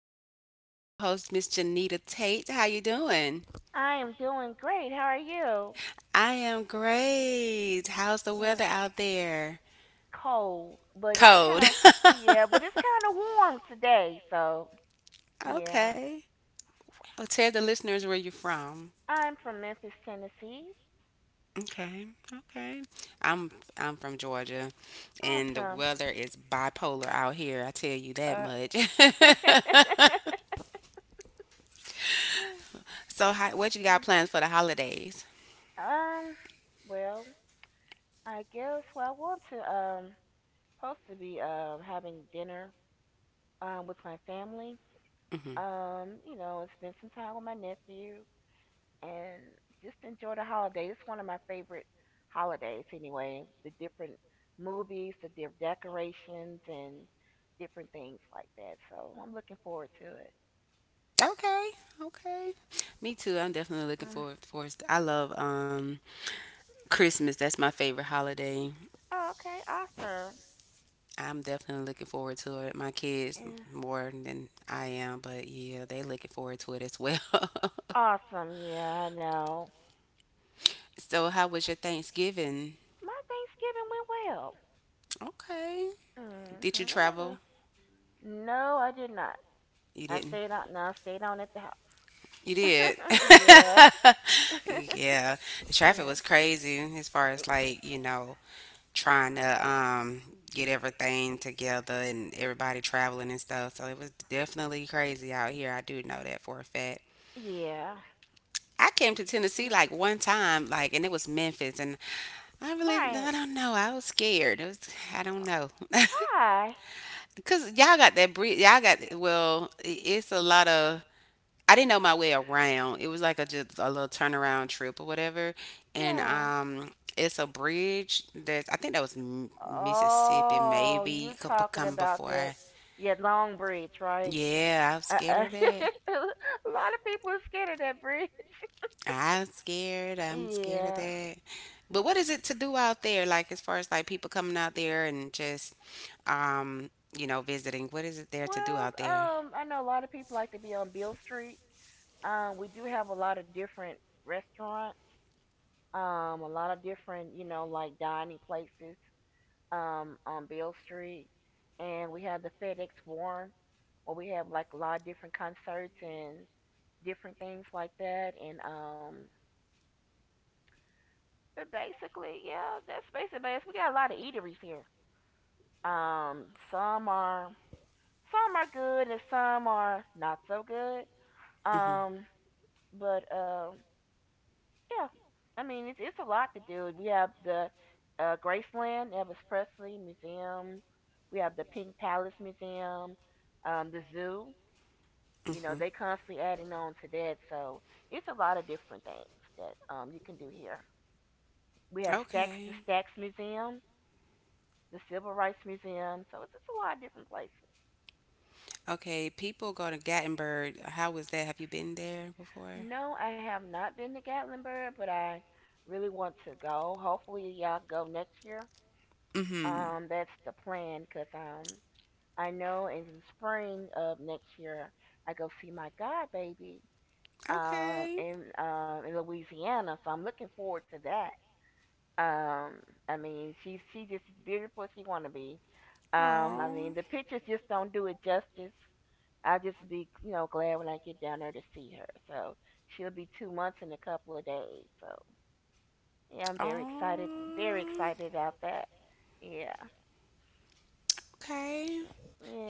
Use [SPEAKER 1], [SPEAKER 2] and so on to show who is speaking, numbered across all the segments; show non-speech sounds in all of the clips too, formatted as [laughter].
[SPEAKER 1] girl, my co-host, Miss Janita Tate. How you doing?
[SPEAKER 2] I am doing great. How are you?
[SPEAKER 1] I am great. How's the
[SPEAKER 2] Ugh,
[SPEAKER 1] weather out there?
[SPEAKER 2] cold, but it's kind
[SPEAKER 1] Cold.
[SPEAKER 2] of, yeah, but it's kind of warm today. So
[SPEAKER 1] [laughs]
[SPEAKER 2] yeah,
[SPEAKER 1] Okay. Oh, tell the listeners where you're from.
[SPEAKER 2] I'm from Memphis, Tennessee.
[SPEAKER 1] Okay. Okay. I'm from Georgia, and the
[SPEAKER 2] Awesome.
[SPEAKER 1] weather is bipolar out here. I tell you that
[SPEAKER 2] Uh,
[SPEAKER 1] much.
[SPEAKER 2] [laughs]
[SPEAKER 1] [laughs] So, how, what you got planned for the holidays?
[SPEAKER 2] um, well, I guess I want to supposed to be having dinner with my family.
[SPEAKER 1] Mm-hmm.
[SPEAKER 2] And spend some time with my nephew and just enjoy the holiday. It's one of my favorite holidays anyway. The different movies, the different decorations, and different things like that. So I'm looking forward to it.
[SPEAKER 1] Okay, okay. Me too. I'm definitely looking
[SPEAKER 2] Mm.
[SPEAKER 1] forward for it. I love Christmas. That's my favorite holiday.
[SPEAKER 2] Oh, okay, awesome.
[SPEAKER 1] I'm definitely looking forward to it. My kids
[SPEAKER 2] Yeah.
[SPEAKER 1] more than I am, but yeah, they looking forward to it as well.
[SPEAKER 2] Awesome, yeah, I know.
[SPEAKER 1] [laughs] So, how was your Thanksgiving?
[SPEAKER 2] My Thanksgiving went well.
[SPEAKER 1] Okay. Did you
[SPEAKER 2] Mm-hmm. It went well.
[SPEAKER 1] travel?
[SPEAKER 2] No, I did not.
[SPEAKER 1] You
[SPEAKER 2] I
[SPEAKER 1] didn't.
[SPEAKER 2] stayed out. No, I stayed on at the house.
[SPEAKER 1] You did.
[SPEAKER 2] [laughs] yeah,
[SPEAKER 1] [laughs] Yeah. The
[SPEAKER 2] [laughs]
[SPEAKER 1] traffic
[SPEAKER 2] yeah,
[SPEAKER 1] was crazy as far as like, you know, trying to get everything together and everybody traveling and stuff. So it was definitely crazy out here. I do know that for a fact.
[SPEAKER 2] yeah.
[SPEAKER 1] I came to Tennessee
[SPEAKER 2] Uh.
[SPEAKER 1] like one time, like, and it was Memphis, and
[SPEAKER 2] And
[SPEAKER 1] I really,
[SPEAKER 2] Right.
[SPEAKER 1] I don't know. I was scared. It was, I don't
[SPEAKER 2] I
[SPEAKER 1] know. [laughs]
[SPEAKER 2] Why?
[SPEAKER 1] Cause y'all got that breed. Y'all got well. It's a lot of I didn't know my way around. It was like a just a little turnaround trip or whatever. And
[SPEAKER 2] Yeah.
[SPEAKER 1] it's a bridge that's I think that was Mississippi,
[SPEAKER 2] Oh,
[SPEAKER 1] maybe
[SPEAKER 2] you
[SPEAKER 1] could
[SPEAKER 2] talking
[SPEAKER 1] come
[SPEAKER 2] about that?
[SPEAKER 1] before.
[SPEAKER 2] Yeah, Long Bridge, right?
[SPEAKER 1] Yeah, I was scared
[SPEAKER 2] Uh-uh.
[SPEAKER 1] of that.
[SPEAKER 2] [laughs] A lot of people are scared of that bridge.
[SPEAKER 1] I'm scared.
[SPEAKER 2] [laughs]
[SPEAKER 1] I'm scared of
[SPEAKER 2] Yeah.
[SPEAKER 1] that. But what is it to do out there? Like as far as like people coming out there and just, um, you know,
[SPEAKER 2] you
[SPEAKER 1] visiting. What is it there
[SPEAKER 2] is
[SPEAKER 1] to do
[SPEAKER 2] Well,
[SPEAKER 1] out there?
[SPEAKER 2] I know a lot of people like to be on Bill Street. We do have a lot of different restaurants. A lot of different like dining places on Beale Street, and we have the FedEx Forum where we have like a lot of different concerts and different things like that, and but basically, yeah, that's basically it. We got a lot of eateries here. Um some are some are good and some are not so good. Um but yeah, I mean it's a lot to do. We have the Graceland Elvis Presley Museum. We have the Pink Palace Museum, the zoo. You know
[SPEAKER 1] Hmm.
[SPEAKER 2] they constantly adding on to that, so it's a lot of different things that you can do here. We have Stacks the
[SPEAKER 1] Okay.
[SPEAKER 2] Stacks Museum, the Civil Rights Museum, so it's just a lot of different places.
[SPEAKER 1] Okay. People go to Gatlinburg. How was that? Have you been there before?
[SPEAKER 2] No, I have not been to Gatlinburg, but I really want to go. Hopefully, y'all go next year.
[SPEAKER 1] Mm-hmm.
[SPEAKER 2] That's the plan, cause I know in the spring of next year, I go see my godbaby
[SPEAKER 1] Okay.
[SPEAKER 2] in Louisiana. So I'm looking forward to that. Um, I mean, she just as beautiful as she want to be. I
[SPEAKER 1] Oh.
[SPEAKER 2] mean, the pictures just don't do it justice. I'll just be glad when I get down there to see her. So she'll be 2 months in a couple of days. So yeah, I'm very
[SPEAKER 1] Oh.
[SPEAKER 2] excited about that. Yeah,
[SPEAKER 1] Okay.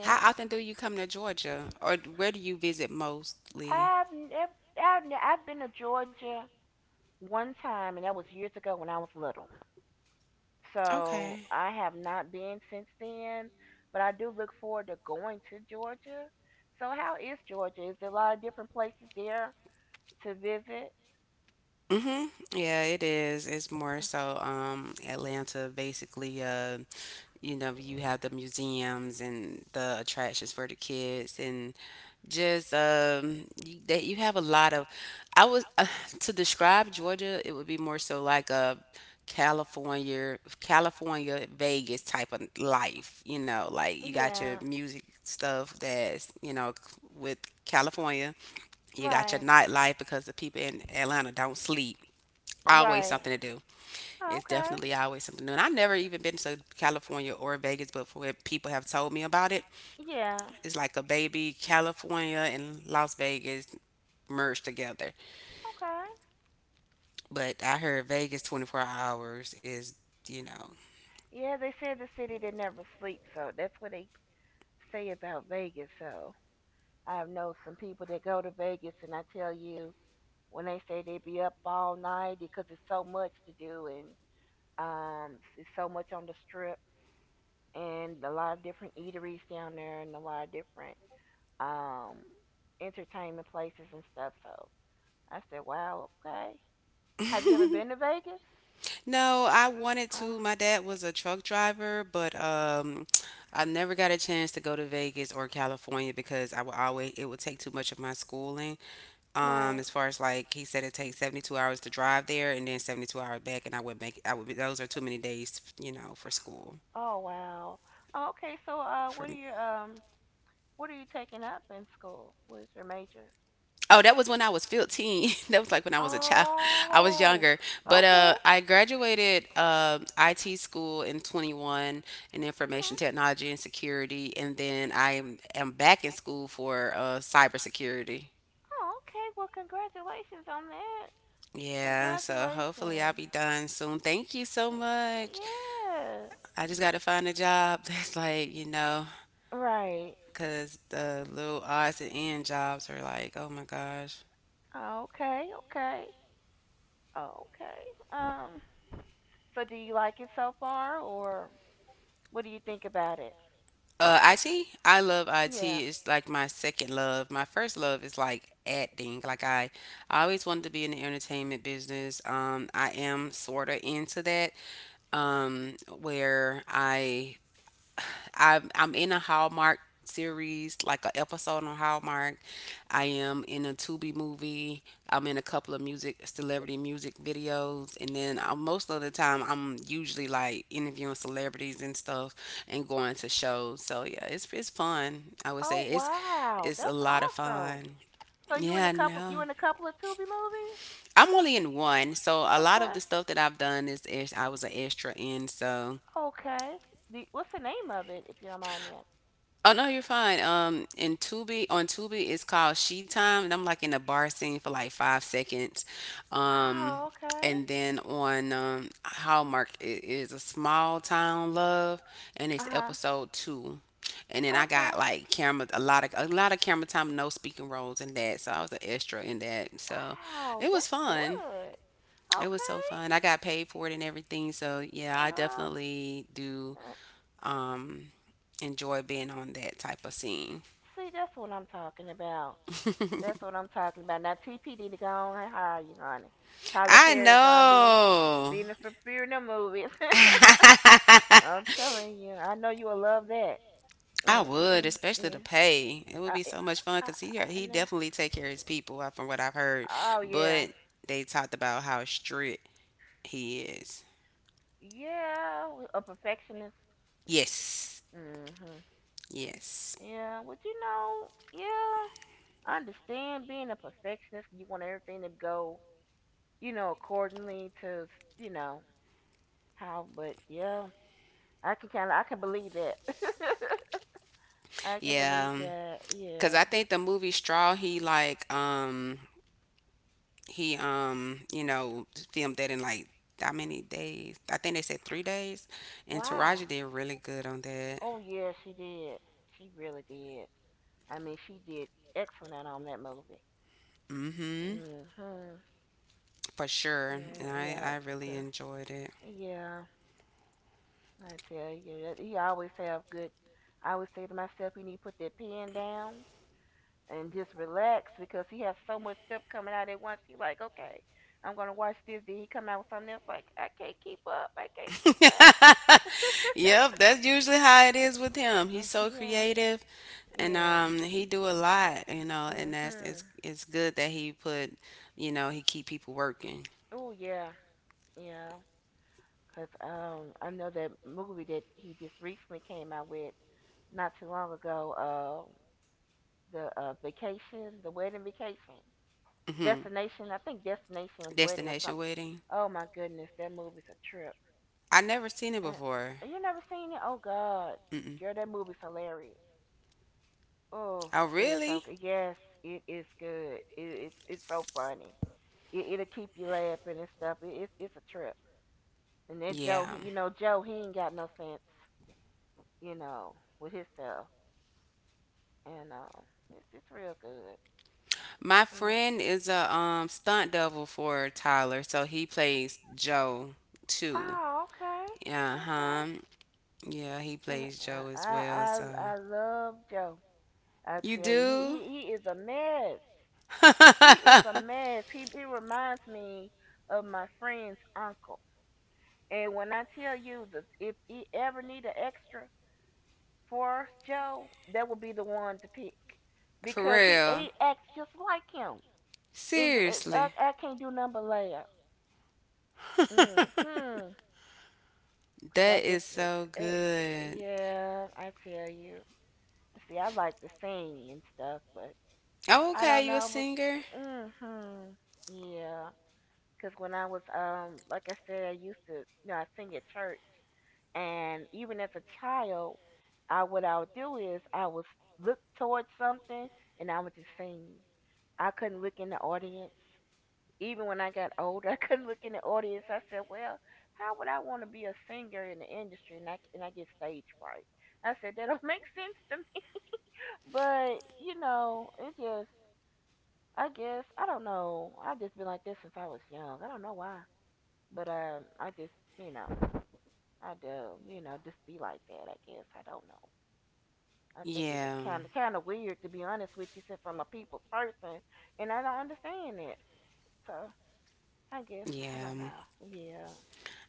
[SPEAKER 1] How often do you come to Georgia, or where do you visit mostly?
[SPEAKER 2] I've never, I've been to Georgia one time, and that was years ago when I was little. So
[SPEAKER 1] Okay.
[SPEAKER 2] I have not been since then, but I do look forward to going to Georgia. So how is Georgia? Is there a lot of different places there to visit?
[SPEAKER 1] Mm-hmm. Yeah, it
[SPEAKER 2] Yeah, it
[SPEAKER 1] is. It's more
[SPEAKER 2] is.
[SPEAKER 1] so Atlanta basically you know you have the museums and the attractions for the kids and just you, that you have a lot of I was [laughs] to describe Georgia it would be more so like a California Vegas type of life,
[SPEAKER 2] It's fun.
[SPEAKER 1] you know, like
[SPEAKER 2] So,
[SPEAKER 1] you
[SPEAKER 2] like,
[SPEAKER 1] got your
[SPEAKER 2] yeah,
[SPEAKER 1] music stuff that's you know with California you got your
[SPEAKER 2] right, the
[SPEAKER 1] nightlife
[SPEAKER 2] nightlife,
[SPEAKER 1] because the
[SPEAKER 2] because
[SPEAKER 1] people in
[SPEAKER 2] in
[SPEAKER 1] Atlanta
[SPEAKER 2] Atlanta
[SPEAKER 1] don't
[SPEAKER 2] don't
[SPEAKER 1] sleep,
[SPEAKER 2] sleep.
[SPEAKER 1] always
[SPEAKER 2] Right.
[SPEAKER 1] something to do,
[SPEAKER 2] Oh,
[SPEAKER 1] it's
[SPEAKER 2] okay.
[SPEAKER 1] definitely always something new, and I've never even been to California or Vegas, but for what people have told me about it
[SPEAKER 2] Yeah,
[SPEAKER 1] it's like a baby California and Las Vegas merged together.
[SPEAKER 2] okay.
[SPEAKER 1] But I heard Vegas 24 hours is, you know.
[SPEAKER 2] Yeah, they said the city that never sleeps, so that's where they say about Vegas. So I know some people that go to Vegas, and I tell you, when they say they be up all night because it's so much to do, and it's so much on the strip, and a lot of different eateries down there, and a lot of different um entertainment places and stuff. So I said, wow, okay. Have you ever been to Vegas?
[SPEAKER 1] No, I wanted
[SPEAKER 2] No, I
[SPEAKER 1] to. My
[SPEAKER 2] wasn't.
[SPEAKER 1] dad was a truck driver, but I never got a chance to go to Vegas or California because I would always it would take too much of my schooling.
[SPEAKER 2] Right.
[SPEAKER 1] As far
[SPEAKER 2] As
[SPEAKER 1] as
[SPEAKER 2] far as
[SPEAKER 1] like
[SPEAKER 2] like
[SPEAKER 1] he
[SPEAKER 2] you
[SPEAKER 1] said it
[SPEAKER 2] said, it takes
[SPEAKER 1] takes 72
[SPEAKER 2] seventy-two
[SPEAKER 1] hours to
[SPEAKER 2] hours to
[SPEAKER 1] drive
[SPEAKER 2] drive
[SPEAKER 1] there and
[SPEAKER 2] there,
[SPEAKER 1] then
[SPEAKER 2] and then
[SPEAKER 1] 72 hours back, and
[SPEAKER 2] seventy-two hours
[SPEAKER 1] I would
[SPEAKER 2] back, and I would
[SPEAKER 1] those
[SPEAKER 2] think
[SPEAKER 1] are
[SPEAKER 2] I would
[SPEAKER 1] too
[SPEAKER 2] go
[SPEAKER 1] many
[SPEAKER 2] for too many
[SPEAKER 1] days,
[SPEAKER 2] days.
[SPEAKER 1] you know, for school
[SPEAKER 2] Oh wow. Oh, okay, so
[SPEAKER 1] for
[SPEAKER 2] what are you taking up in school? What is your major?
[SPEAKER 1] Oh, that was when I was 15. [laughs] That was
[SPEAKER 2] [laughs]
[SPEAKER 1] like when I was a child. I was
[SPEAKER 2] long
[SPEAKER 1] younger.
[SPEAKER 2] Oh,
[SPEAKER 1] But
[SPEAKER 2] okay,
[SPEAKER 1] I graduated IT school in 21 in
[SPEAKER 2] okay.
[SPEAKER 1] information technology and security. And then am back in school for cybersecurity.
[SPEAKER 2] Oh, okay. Well, congratulations on that. Yeah,
[SPEAKER 1] Yeah, so hopefully I'll
[SPEAKER 2] congratulations.
[SPEAKER 1] be done soon. Thank you so much.
[SPEAKER 2] Yeah.
[SPEAKER 1] I just got to find a job [laughs] that's like, you know,
[SPEAKER 2] Right.
[SPEAKER 1] because the little odds and end jobs are like, oh my gosh.
[SPEAKER 2] Okay. Okay. Okay. Um. So do you like it so far or what do you think about it?
[SPEAKER 1] IT. I love IT.
[SPEAKER 2] Yeah.
[SPEAKER 1] It's like my second love. My first love is like acting. I always wanted to be in the entertainment business. I am sorta into that. Where I I'm in a Hallmark series, like an episode on Hallmark. I am in a Tubi movie. I'm in a couple of music celebrity music videos, and then most of the time I'm usually like interviewing celebrities and stuff and going to shows. So yeah, it's fun. I would
[SPEAKER 2] Oh
[SPEAKER 1] say
[SPEAKER 2] wow,
[SPEAKER 1] it's a
[SPEAKER 2] that's
[SPEAKER 1] lot of
[SPEAKER 2] awesome.
[SPEAKER 1] fun. Yeah,
[SPEAKER 2] You
[SPEAKER 1] no.
[SPEAKER 2] in a couple of Tubi movies?
[SPEAKER 1] I'm only in one, so a lot of
[SPEAKER 2] Okay.
[SPEAKER 1] the stuff that I've done is I was an extra in, so
[SPEAKER 2] Okay. What's the name of it if you don't mind me asking?
[SPEAKER 1] Oh no, you're fine. In Tubi on Tubi it's called She Time, and I'm like in a bar scene for like 5 seconds. Um,
[SPEAKER 2] Oh, okay.
[SPEAKER 1] and then on Hallmark it is a Small Town Love, and it's
[SPEAKER 2] Uh-huh.
[SPEAKER 1] episode two. And then I
[SPEAKER 2] Okay.
[SPEAKER 1] got like camera a lot of camera time, no speaking roles in that, so I was an extra in that. So
[SPEAKER 2] Wow,
[SPEAKER 1] it was
[SPEAKER 2] that's
[SPEAKER 1] fun.
[SPEAKER 2] good.
[SPEAKER 1] It was so
[SPEAKER 2] Okay.
[SPEAKER 1] fun. I got paid for it and everything. So yeah, I
[SPEAKER 2] Uh,
[SPEAKER 1] definitely do
[SPEAKER 2] uh,
[SPEAKER 1] um enjoy being on that type of scene.
[SPEAKER 2] See, that's what I'm talking about. That's
[SPEAKER 1] [laughs]
[SPEAKER 2] what I'm talking about. Now TPD to go on and hire you, honey. Tyler
[SPEAKER 1] I
[SPEAKER 2] Perry gonna
[SPEAKER 1] know.
[SPEAKER 2] be in the for movies.
[SPEAKER 1] [laughs]
[SPEAKER 2] [laughs] I'm telling you, I know you will love that.
[SPEAKER 1] I
[SPEAKER 2] Mm.
[SPEAKER 1] would, especially
[SPEAKER 2] Yeah.
[SPEAKER 1] the pay. It would be so much fun because he
[SPEAKER 2] Nah.
[SPEAKER 1] definitely take care of his people from what I've heard.
[SPEAKER 2] Oh yeah,
[SPEAKER 1] But they talked about how strict he is.
[SPEAKER 2] yeah. A perfectionist.
[SPEAKER 1] Yes,
[SPEAKER 2] Mhm.
[SPEAKER 1] yes,
[SPEAKER 2] Yeah. But, yeah. I understand being a perfectionist. You want everything to go, accordingly to, you know, but yeah, I can believe that. [laughs] I can believe,
[SPEAKER 1] yeah.
[SPEAKER 2] yeah, that.
[SPEAKER 1] Because
[SPEAKER 2] Yeah.
[SPEAKER 1] I
[SPEAKER 2] Because I
[SPEAKER 1] think the
[SPEAKER 2] think the
[SPEAKER 1] movie
[SPEAKER 2] movie
[SPEAKER 1] Straw,
[SPEAKER 2] Straw,
[SPEAKER 1] he
[SPEAKER 2] he
[SPEAKER 1] like
[SPEAKER 2] like
[SPEAKER 1] he filmed that in like how many days? I think they said 3 days. And
[SPEAKER 2] wow.
[SPEAKER 1] Taraji did
[SPEAKER 2] Marcy
[SPEAKER 1] really
[SPEAKER 2] really
[SPEAKER 1] good on that.
[SPEAKER 2] Oh, good. Yeah, she did. She really did. I mean, she did excellent on that movie.
[SPEAKER 1] Mm-hmm.
[SPEAKER 2] Mhm. For
[SPEAKER 1] For sure.
[SPEAKER 2] sure. Yeah, for,
[SPEAKER 1] I really
[SPEAKER 2] sure.
[SPEAKER 1] enjoyed it.
[SPEAKER 2] 'Cause yeah, I tell you, he always have good. I always say to myself, you need to put that pen down and just relax because he has so much stuff coming out at once. He like, okay, I'm gonna watch this. Then he come out with something else. Like, I can't keep up. I can't
[SPEAKER 1] [laughs]
[SPEAKER 2] keep up. [laughs] yep,
[SPEAKER 1] Yep, that's usually how it is with him. He's
[SPEAKER 2] [laughs] yeah,
[SPEAKER 1] so creative
[SPEAKER 2] yeah,
[SPEAKER 1] and
[SPEAKER 2] yeah.
[SPEAKER 1] he do a lot, you know, and that's
[SPEAKER 2] Mhm.
[SPEAKER 1] it's good that he put, you know, he keep people working.
[SPEAKER 2] Oh yeah, yeah. Cause I know that movie that he just recently came out with not too long ago. The vacation, the wedding vacation,
[SPEAKER 1] Hmm.
[SPEAKER 2] destination. I think destination wedding or
[SPEAKER 1] Destination
[SPEAKER 2] something.
[SPEAKER 1] wedding.
[SPEAKER 2] Oh my goodness, that movie's a trip.
[SPEAKER 1] I never seen it before.
[SPEAKER 2] Uh, you never seen it? Oh God,
[SPEAKER 1] Mm-mm.
[SPEAKER 2] girl, that movie's hilarious. Oh,
[SPEAKER 1] Oh
[SPEAKER 2] it's
[SPEAKER 1] really?
[SPEAKER 2] okay. Yes, it is good. It's so funny. It'll keep you laughing and stuff. It's a trip. And that Joe,
[SPEAKER 1] Yeah.
[SPEAKER 2] Joe, he ain't got no sense, with himself. And it's real good.
[SPEAKER 1] My
[SPEAKER 2] Yeah.
[SPEAKER 1] friend is a stunt double for Tyler, so he plays Joe too.
[SPEAKER 2] Oh, okay,
[SPEAKER 1] Uh-huh. Yeah, he
[SPEAKER 2] okay.
[SPEAKER 1] plays
[SPEAKER 2] Yeah,
[SPEAKER 1] Joe as
[SPEAKER 2] I
[SPEAKER 1] well.
[SPEAKER 2] I
[SPEAKER 1] So
[SPEAKER 2] I I love Joe. I
[SPEAKER 1] you
[SPEAKER 2] tell you, he
[SPEAKER 1] do
[SPEAKER 2] he he is a mess. He is
[SPEAKER 1] [laughs]
[SPEAKER 2] a mess. He reminds me of my friend's uncle. And when I tell you that if he ever need an extra for Joe, that would be the one to pick
[SPEAKER 1] For
[SPEAKER 2] because he
[SPEAKER 1] real?
[SPEAKER 2] acts just like him. And I,
[SPEAKER 1] Seriously?
[SPEAKER 2] I can't do nothing but laugh.
[SPEAKER 1] [laughs]
[SPEAKER 2] Mm-hmm. Cause I
[SPEAKER 1] That
[SPEAKER 2] just,
[SPEAKER 1] is so good.
[SPEAKER 2] yeah, I tell you. See, I like to sing and stuff, but
[SPEAKER 1] Oh,
[SPEAKER 2] I
[SPEAKER 1] okay,
[SPEAKER 2] don't
[SPEAKER 1] you a
[SPEAKER 2] know.
[SPEAKER 1] singer?
[SPEAKER 2] But mm-hmm. Yeah. Cause when I was like I said, I used to, I sing at church, and even as a child, I what I would do is I would look towards something and I would just sing. I couldn't look in the audience. Even when I got older, [laughs] I couldn't look in the audience. I said, "Well, how would I want to be a singer in the industry and I get stage fright?" I said that don't [laughs] make sense to me. But it just I guess I don't know. I've just been like this since I was young. I don't know why. But I just, I do just be like that. I guess I don't know. I think it's
[SPEAKER 1] Yeah,
[SPEAKER 2] kind of weird to be honest with you, since I'm a people's person, and I don't understand it. So I guess I don't
[SPEAKER 1] yeah.
[SPEAKER 2] know. Yeah,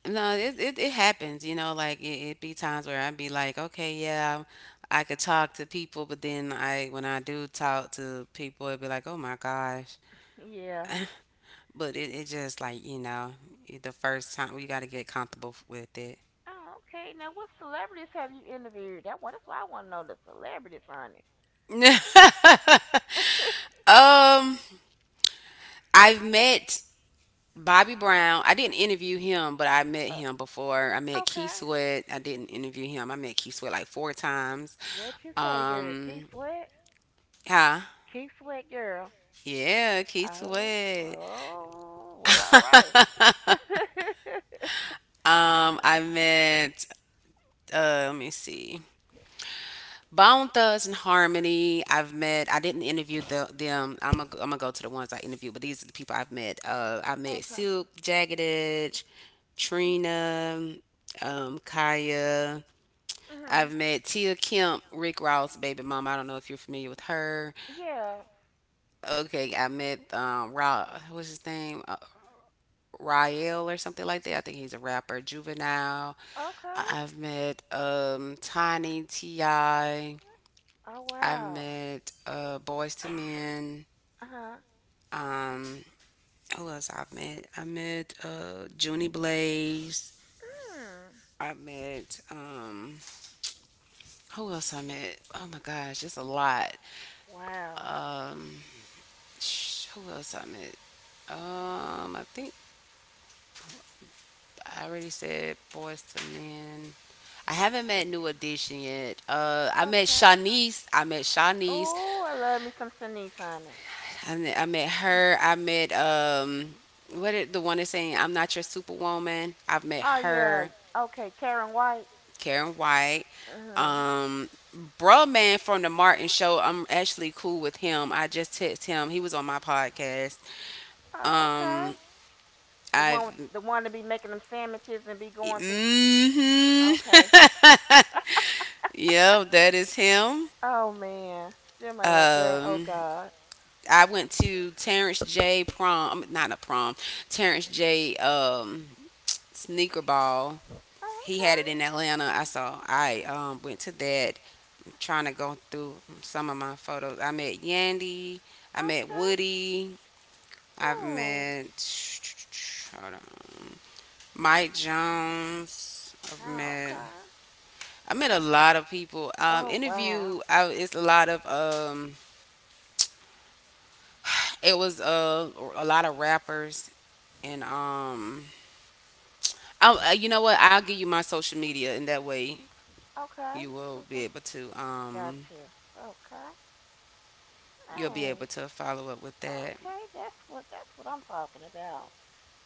[SPEAKER 1] No, it happens. You know, like it be times where I'd be like, okay, yeah, I could talk to people, but then I when I do talk to people, it'd be like, oh my gosh. [laughs]
[SPEAKER 2] yeah.
[SPEAKER 1] But it just like, you know, the first time you got to get comfortable with it.
[SPEAKER 2] Oh, okay. Now, what celebrities have you interviewed? That's why I want to know the celebrities, honey.
[SPEAKER 1] [laughs] um, I've met Bobby Brown. I didn't interview him, but I met
[SPEAKER 2] Uh,
[SPEAKER 1] him before. I met Key
[SPEAKER 2] okay.
[SPEAKER 1] Sweat. I didn't interview him. I met Key Sweat like four times.
[SPEAKER 2] What you say, girl?
[SPEAKER 1] Um, huh?
[SPEAKER 2] Keep sweat, girl.
[SPEAKER 1] Yeah, Key
[SPEAKER 2] Oh,
[SPEAKER 1] Sweat.
[SPEAKER 2] oh, well, all right.
[SPEAKER 1] [laughs] I met. Let me see. Bone Thugs and Harmony. I've met. I didn't interview them. I'm gonna go to the ones I interviewed, but these are the people I've met. I
[SPEAKER 2] [laughs]
[SPEAKER 1] met
[SPEAKER 2] okay.
[SPEAKER 1] Silk, Jagged Edge, Trina, Kaya.
[SPEAKER 2] Mhm.
[SPEAKER 1] I've met Tia Kemp, Rick Ross, baby mom. I don't know if you're familiar with her.
[SPEAKER 2] Yeah.
[SPEAKER 1] Okay, I met Ra. What's his name? Rael or something like that. I think he's a rapper. Juvenile.
[SPEAKER 2] Okay.
[SPEAKER 1] I've met Tiny Ti.
[SPEAKER 2] Oh
[SPEAKER 1] I've
[SPEAKER 2] wow.
[SPEAKER 1] met Boys to Men.
[SPEAKER 2] Uh huh.
[SPEAKER 1] Um, who else I've met? I met Junie Blaze.
[SPEAKER 2] Mm.
[SPEAKER 1] I met who else I met? Oh my gosh, just a lot.
[SPEAKER 2] Wow.
[SPEAKER 1] Um, who else I met? I think I already said Boys to Men. I haven't met New Edition yet. I met
[SPEAKER 2] Okay.
[SPEAKER 1] Shanice. I met Shanice.
[SPEAKER 2] Oh, I love me some Shanice on it.
[SPEAKER 1] I met her. I met what it, the one that's saying I'm not your superwoman. I've met
[SPEAKER 2] Oh yeah.
[SPEAKER 1] her,
[SPEAKER 2] Okay, Karen White.
[SPEAKER 1] Karen White.
[SPEAKER 2] Uh-huh.
[SPEAKER 1] Um, bruh man from the Martin show. I'm actually cool with him. I just text him. He was on my podcast.
[SPEAKER 2] Oh, okay.
[SPEAKER 1] Um,
[SPEAKER 2] The one with,
[SPEAKER 1] I've.
[SPEAKER 2] the one to be making them sandwiches and be going through.
[SPEAKER 1] Mm-hmm.
[SPEAKER 2] Okay. Mm-hmm.
[SPEAKER 1] [laughs] Yep, that is him.
[SPEAKER 2] Oh man, that man right there. Oh
[SPEAKER 1] Um,
[SPEAKER 2] God. Oh,
[SPEAKER 1] I went to Terrence J. prom, not a prom, Terrence J. Sneaker ball. He had
[SPEAKER 2] okay.
[SPEAKER 1] it in Atlanta. I saw. I went to that, trying to go through some of my photos. I met Yandy. I met
[SPEAKER 2] Okay.
[SPEAKER 1] Woody. I've
[SPEAKER 2] Oh.
[SPEAKER 1] met. Hold on. Mike Jones. I've
[SPEAKER 2] Oh,
[SPEAKER 1] met.
[SPEAKER 2] okay.
[SPEAKER 1] I met a lot of people.
[SPEAKER 2] Oh wow.
[SPEAKER 1] It's a lot of. It was a lot of rappers and. You know what? I'll give you my social media, and that way
[SPEAKER 2] Okay.
[SPEAKER 1] you will
[SPEAKER 2] Okay.
[SPEAKER 1] be able to.
[SPEAKER 2] Gotcha. Okay.
[SPEAKER 1] You'll be able
[SPEAKER 2] And
[SPEAKER 1] to follow up with that.
[SPEAKER 2] Okay, that's what I'm talking about.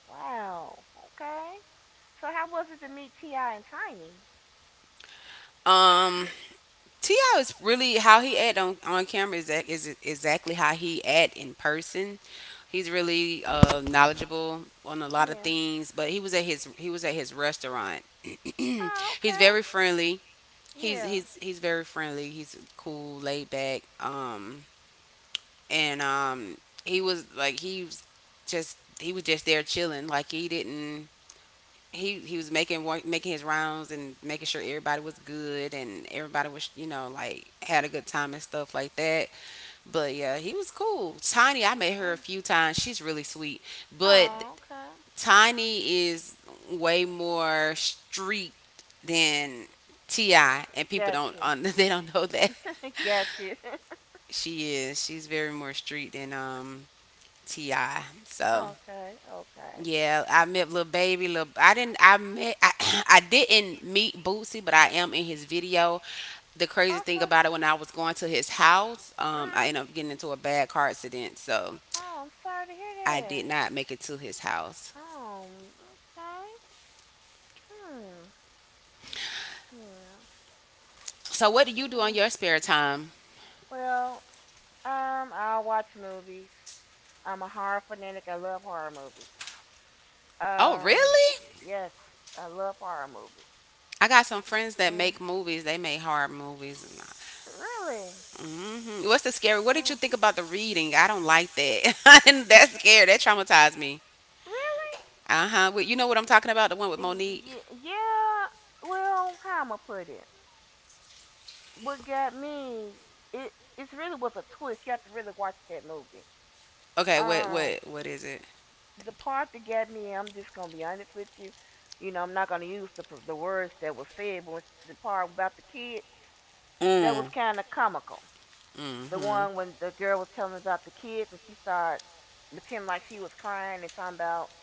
[SPEAKER 2] Wow. Okay. So how was it to meet Ti and Tiny?
[SPEAKER 1] Um, Ti is really how he act on camera is that is exactly how he act in person. He's really knowledgeable on a lot of
[SPEAKER 2] Yeah.
[SPEAKER 1] things, but he was at his restaurant. [clears throat]
[SPEAKER 2] Oh,
[SPEAKER 1] He's
[SPEAKER 2] okay.
[SPEAKER 1] very friendly.
[SPEAKER 2] Yeah.
[SPEAKER 1] He's very friendly. He's cool, laid back. And he was like he was he was just there chilling. Like he didn't. He was making his rounds and making sure everybody was good and everybody was, you know, like had a good time and stuff like that. But yeah, he was cool. Tiny, I met her a
[SPEAKER 2] Mm.
[SPEAKER 1] few times. She's really sweet.
[SPEAKER 2] Sweet.
[SPEAKER 1] But
[SPEAKER 2] Oh, okay.
[SPEAKER 1] Tiny is way more street than Ti, and people don't
[SPEAKER 2] Gotcha.
[SPEAKER 1] [laughs] they don't know that.
[SPEAKER 2] [laughs] gotcha. [laughs]
[SPEAKER 1] She is. She's very more street than Ti. So
[SPEAKER 2] okay. Okay. The
[SPEAKER 1] yeah, I met little baby. Little I didn't. I met. [clears throat] I didn't meet Bootsy, but I am in his video. The crazy thing
[SPEAKER 2] Okay.
[SPEAKER 1] about it, when I was going to his house, I ended
[SPEAKER 2] Mm.
[SPEAKER 1] up getting into a bad car accident, so
[SPEAKER 2] Oh, I'm sorry to hear I
[SPEAKER 1] I did
[SPEAKER 2] that.
[SPEAKER 1] not make it
[SPEAKER 2] He
[SPEAKER 1] to his house.
[SPEAKER 2] Make it. Oh, okay. Hmm. Yeah.
[SPEAKER 1] So what do you do on your spare
[SPEAKER 2] [sighs]
[SPEAKER 1] time?
[SPEAKER 2] Well, I watch movies. I'm a horror fanatic. I love horror movies. Oh,
[SPEAKER 1] Oh, really?
[SPEAKER 2] Yes, I love horror movies.
[SPEAKER 1] I got some friends that
[SPEAKER 2] Mm,
[SPEAKER 1] make movies. They make horror movies.
[SPEAKER 2] movies. Really?
[SPEAKER 1] Hmm, what's the scary? What did you
[SPEAKER 2] Oh,
[SPEAKER 1] think about the reading? I don't like that. [laughs] And that's scary.
[SPEAKER 2] [laughs]
[SPEAKER 1] That traumatized me.
[SPEAKER 2] me. Really?
[SPEAKER 1] Uh huh. You know what I'm talking about? The one with Monique.
[SPEAKER 2] Yeah. Well, how I'ma put it? What got me it it really was a twist. You have to really watch that movie.
[SPEAKER 1] Okay. What?
[SPEAKER 2] Um,
[SPEAKER 1] What? What is it?
[SPEAKER 2] the part that got me, I'm just gonna be honest with you. You know, I'm not gonna use the words that was said, but the part about the kids that was
[SPEAKER 1] Mm.
[SPEAKER 2] kind of comical. The
[SPEAKER 1] Mm-hmm.
[SPEAKER 2] one when the girl was telling about the kids and she started pretending like she was crying and talking about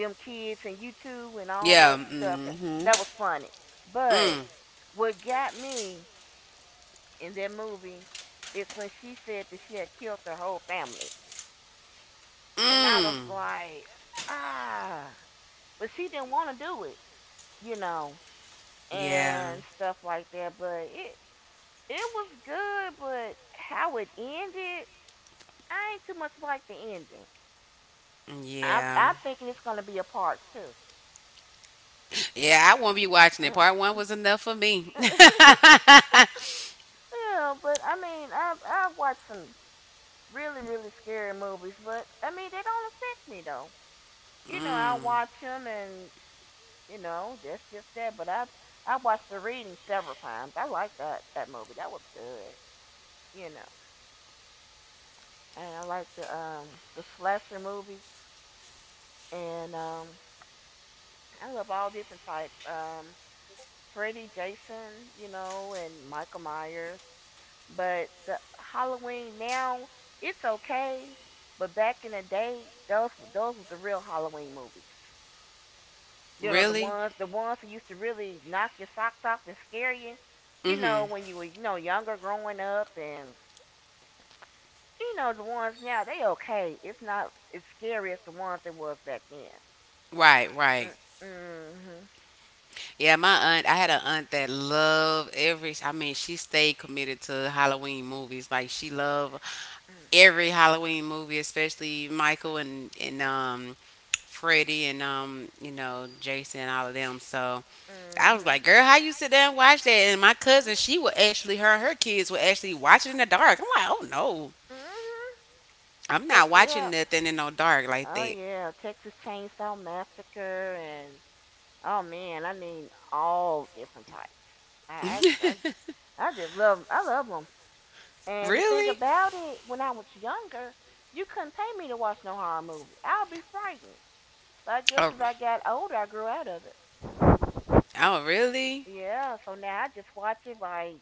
[SPEAKER 2] them kids and you too and all
[SPEAKER 1] Yeah.
[SPEAKER 2] that, yeah, stuff. And
[SPEAKER 1] Mm-hmm.
[SPEAKER 2] that was funny. But
[SPEAKER 1] Mm.
[SPEAKER 2] what got me in that movie is when she said that she had killed her whole family. And I was
[SPEAKER 1] Mm.
[SPEAKER 2] like, ah. But she didn't want to do it, you know,
[SPEAKER 1] Yeah.
[SPEAKER 2] and stuff like that. But it was good, but how it ended, I ain't too much like the ending. I,
[SPEAKER 1] Yeah.
[SPEAKER 2] I'm thinking it's going to be a part two.
[SPEAKER 1] Yeah, I won't be watching it.
[SPEAKER 2] Uh. [laughs]
[SPEAKER 1] Part one was enough for me. [laughs]
[SPEAKER 2] [laughs] Yeah, but I mean, I've watched some really scary movies, but I mean they don't affect me though. I
[SPEAKER 1] Mm.
[SPEAKER 2] watch them and that's just that. But I watched the reading several times. I like that movie. That was good. You know, and I like the slasher movies, and I love all different types. Freddy, Jason, you know, and Michael Myers. But the Halloween now it's okay, but back in the day, those were the real Halloween movies. You know, the
[SPEAKER 1] Really?
[SPEAKER 2] ones the ones who used to really knock your socks off and scare you. You know,
[SPEAKER 1] Mm-hmm.
[SPEAKER 2] when you were, you know, younger growing up and you know, the ones now, they okay. It's not as scary as the ones it was back then.
[SPEAKER 1] Right. Right.
[SPEAKER 2] Mm, mhm.
[SPEAKER 1] Yeah, my aunt, I had an aunt that loved every, I mean, she stayed committed to Halloween movies. Like she loved
[SPEAKER 2] Mm,
[SPEAKER 1] every Halloween movie, especially Michael and Freddy and you know, Jason and all of them. So
[SPEAKER 2] hmm.
[SPEAKER 1] I was
[SPEAKER 2] I
[SPEAKER 1] like, girl, how you
[SPEAKER 2] mhm.
[SPEAKER 1] sit there and watch that? And my cousin, she would
[SPEAKER 2] Mm,
[SPEAKER 1] actually her and her kids would actually watch it in the dark. I'm like, oh no.
[SPEAKER 2] no, mm hmm.
[SPEAKER 1] I'm not
[SPEAKER 2] Texas,
[SPEAKER 1] watching
[SPEAKER 2] yeah.
[SPEAKER 1] nothing in no dark like
[SPEAKER 2] Oh
[SPEAKER 1] that.
[SPEAKER 2] yeah, Texas Chainsaw Massacre and oh man, I mean all different types. I, I, I, I just love, I love them. And the thing
[SPEAKER 1] Really?
[SPEAKER 2] about it, when I was younger, you couldn't pay me to watch no horror movie. I'll be frightened. But I guess
[SPEAKER 1] Oh,
[SPEAKER 2] as I got older, I grew out of it.
[SPEAKER 1] oh
[SPEAKER 2] Oh,
[SPEAKER 1] really?
[SPEAKER 2] really? Yeah, so now I just watch it like,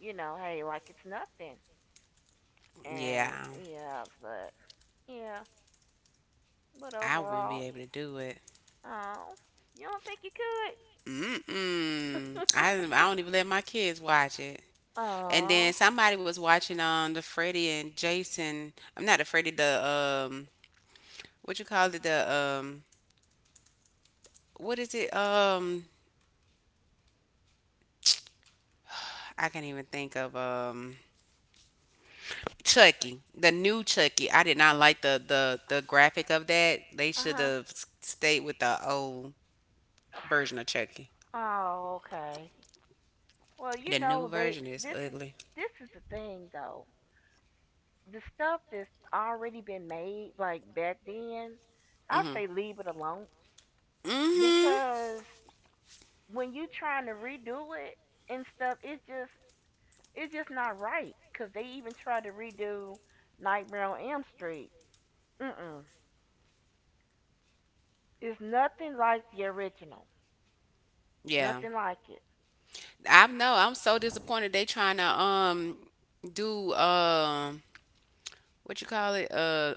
[SPEAKER 2] you know, hey, like it's nothing. And
[SPEAKER 1] Yeah.
[SPEAKER 2] yeah, but yeah, but
[SPEAKER 1] I wouldn't be
[SPEAKER 2] overall,
[SPEAKER 1] able to do it.
[SPEAKER 2] oh, you don't think you could?
[SPEAKER 1] Mm-mm. I don't even let my kids watch it. And
[SPEAKER 2] Oh, and
[SPEAKER 1] then
[SPEAKER 2] then
[SPEAKER 1] somebody was
[SPEAKER 2] somebody was
[SPEAKER 1] watching
[SPEAKER 2] watching
[SPEAKER 1] on the
[SPEAKER 2] with
[SPEAKER 1] Freddie and
[SPEAKER 2] Freddie and Jason.
[SPEAKER 1] Jason. I'm not the Freddie. The what you call it? The what is it? I can't even think of Chucky, the new Chucky. I did not like the the graphic of that. They
[SPEAKER 2] Uh
[SPEAKER 1] should
[SPEAKER 2] huh.
[SPEAKER 1] have stayed with the old version of Chucky.
[SPEAKER 2] The oh, okay. Well,
[SPEAKER 1] The
[SPEAKER 2] you
[SPEAKER 1] new
[SPEAKER 2] know they
[SPEAKER 1] version is ugly.
[SPEAKER 2] this is the thing though. The stuff that's already been made like back then, I
[SPEAKER 1] Mm-hmm.
[SPEAKER 2] say leave it alone
[SPEAKER 1] Mm-hmm.
[SPEAKER 2] because when you trying to redo it and stuff, it's just not right cuz they even tried to redo Nightmare on Elm Street. Mm-mm. It's nothing like the original.
[SPEAKER 1] Yeah.
[SPEAKER 2] Nothing like it.
[SPEAKER 1] I know. I'm so disappointed. They trying to do what you call it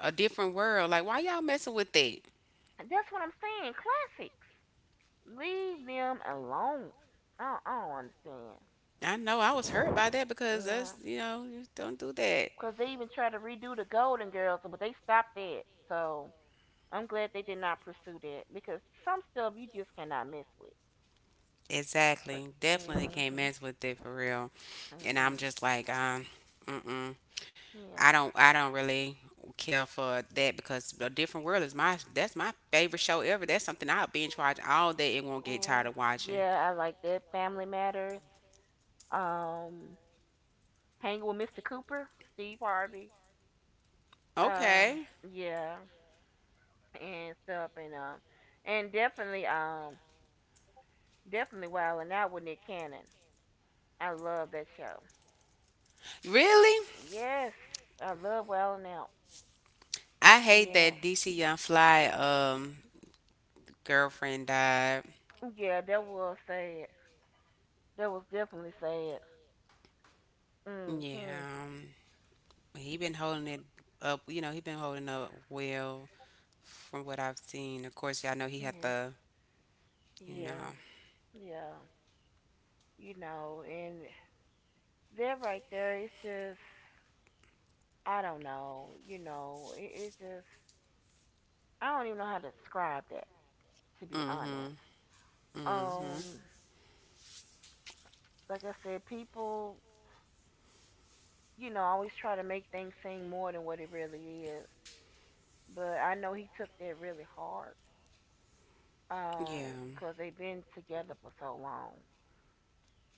[SPEAKER 1] a different world. Like why y'all messing with that?
[SPEAKER 2] And that's what I'm saying. Classics. Leave them alone. I don't
[SPEAKER 1] I know. I was hurt
[SPEAKER 2] understand.
[SPEAKER 1] by that because
[SPEAKER 2] Yeah.
[SPEAKER 1] that's you know you don't do that.
[SPEAKER 2] Because they even tried to redo the Golden Girls, but they stopped that. So I'm glad they did not pursue that because some stuff you just cannot mess with.
[SPEAKER 1] Exactly. Definitely they can't
[SPEAKER 2] Mm-hmm.
[SPEAKER 1] mess with it for real. And I'm
[SPEAKER 2] Mm-mm.
[SPEAKER 1] just like mm-mm.
[SPEAKER 2] Yeah.
[SPEAKER 1] I don't really care for that because a different world is my that's my favorite show ever. That's something I'll binge watch all day and won't get tired
[SPEAKER 2] Mm,
[SPEAKER 1] of watching.
[SPEAKER 2] yeah, I like that. Family Matters. Um, Hanging with Mr. Cooper, Steve Harvey. Um,
[SPEAKER 1] Okay.
[SPEAKER 2] yeah, and stuff, and definitely, definitely wilding out with Nick Cannon. I love that show.
[SPEAKER 1] Really?
[SPEAKER 2] Yes, I love Wild 'N Out.
[SPEAKER 1] I hate
[SPEAKER 2] Yeah.
[SPEAKER 1] that DC Young Fly girlfriend died.
[SPEAKER 2] Yeah, that was sad. That was definitely sad. Hmm.
[SPEAKER 1] Yeah, he been holding it up. You know, he been holding up well from what I've seen. Of course, y'all know he had
[SPEAKER 2] Yeah,
[SPEAKER 1] the you know.
[SPEAKER 2] yeah, yeah. You know, and that right there, I don't know. You know, it's just, I don't even know how to describe that, to be
[SPEAKER 1] Mhm.
[SPEAKER 2] honest.
[SPEAKER 1] Mhm.
[SPEAKER 2] Um, like I said, people, you know, always try to make things seem more than what it really is. But I know he took that really hard
[SPEAKER 1] Yeah,
[SPEAKER 2] 'cause they've been together for so long.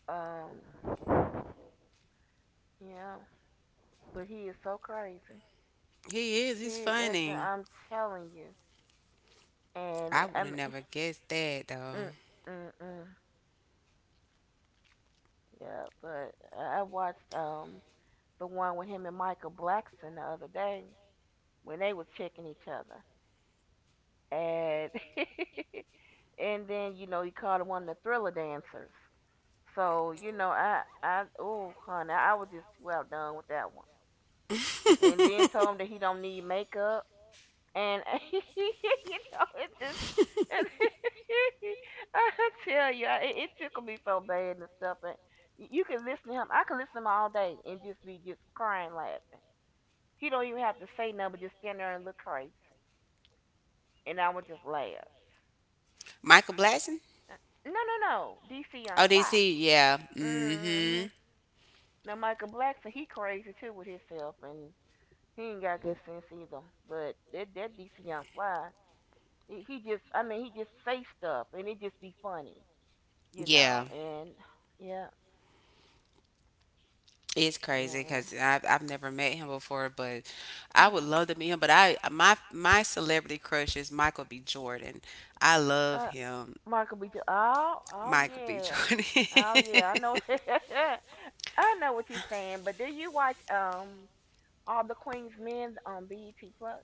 [SPEAKER 2] Um, yeah, but he is so crazy.
[SPEAKER 1] he is. He's funny.
[SPEAKER 2] I'm telling you, and
[SPEAKER 1] I would have never guessed that though.
[SPEAKER 2] mm, mm, mm, yeah. But I watched the one with him and Michael Blackson the other day when they was checking each other, and [laughs] and then you know he called him one of the thriller dancers. So you know, I oh honey, I was just too outdone with that one. And then told him that he
[SPEAKER 1] [laughs]
[SPEAKER 2] don't need makeup, and [laughs] you know, it just. [laughs] I tell you, it tickled me so bad and stuff. And you can listen to him. I can listen to him all day and just be just crying, laughing. He don't even have to say nothing, but just stand there and look crazy, and I would just laugh.
[SPEAKER 1] Michael Blaston?
[SPEAKER 2] Uh, no, DC on
[SPEAKER 1] Oh,
[SPEAKER 2] fly.
[SPEAKER 1] DC.
[SPEAKER 2] D C,
[SPEAKER 1] Yeah.
[SPEAKER 2] yeah. Mm-hmm.
[SPEAKER 1] Mhm.
[SPEAKER 2] Now Michael Blackson, he crazy too with himself, and he ain't got good sense either. But that DC Young Fly, he just I mean he just say stuff and it just be funny, you know.
[SPEAKER 1] Yeah.
[SPEAKER 2] And yeah,
[SPEAKER 1] It's
[SPEAKER 2] yeah,
[SPEAKER 1] crazy
[SPEAKER 2] yeah.
[SPEAKER 1] because I've never met him before, but I
[SPEAKER 2] Mhm.
[SPEAKER 1] would love to meet him. But I my celebrity crush is Michael B. Jordan. I love
[SPEAKER 2] Uh,
[SPEAKER 1] him,
[SPEAKER 2] Michael B. Jordan. Oh, oh
[SPEAKER 1] Michael B.
[SPEAKER 2] yeah,
[SPEAKER 1] Jordan.
[SPEAKER 2] [laughs] oh yeah. I know.
[SPEAKER 1] [laughs]
[SPEAKER 2] [laughs] I know what you're saying. But do you watch all the Queen's Men on BET Plus?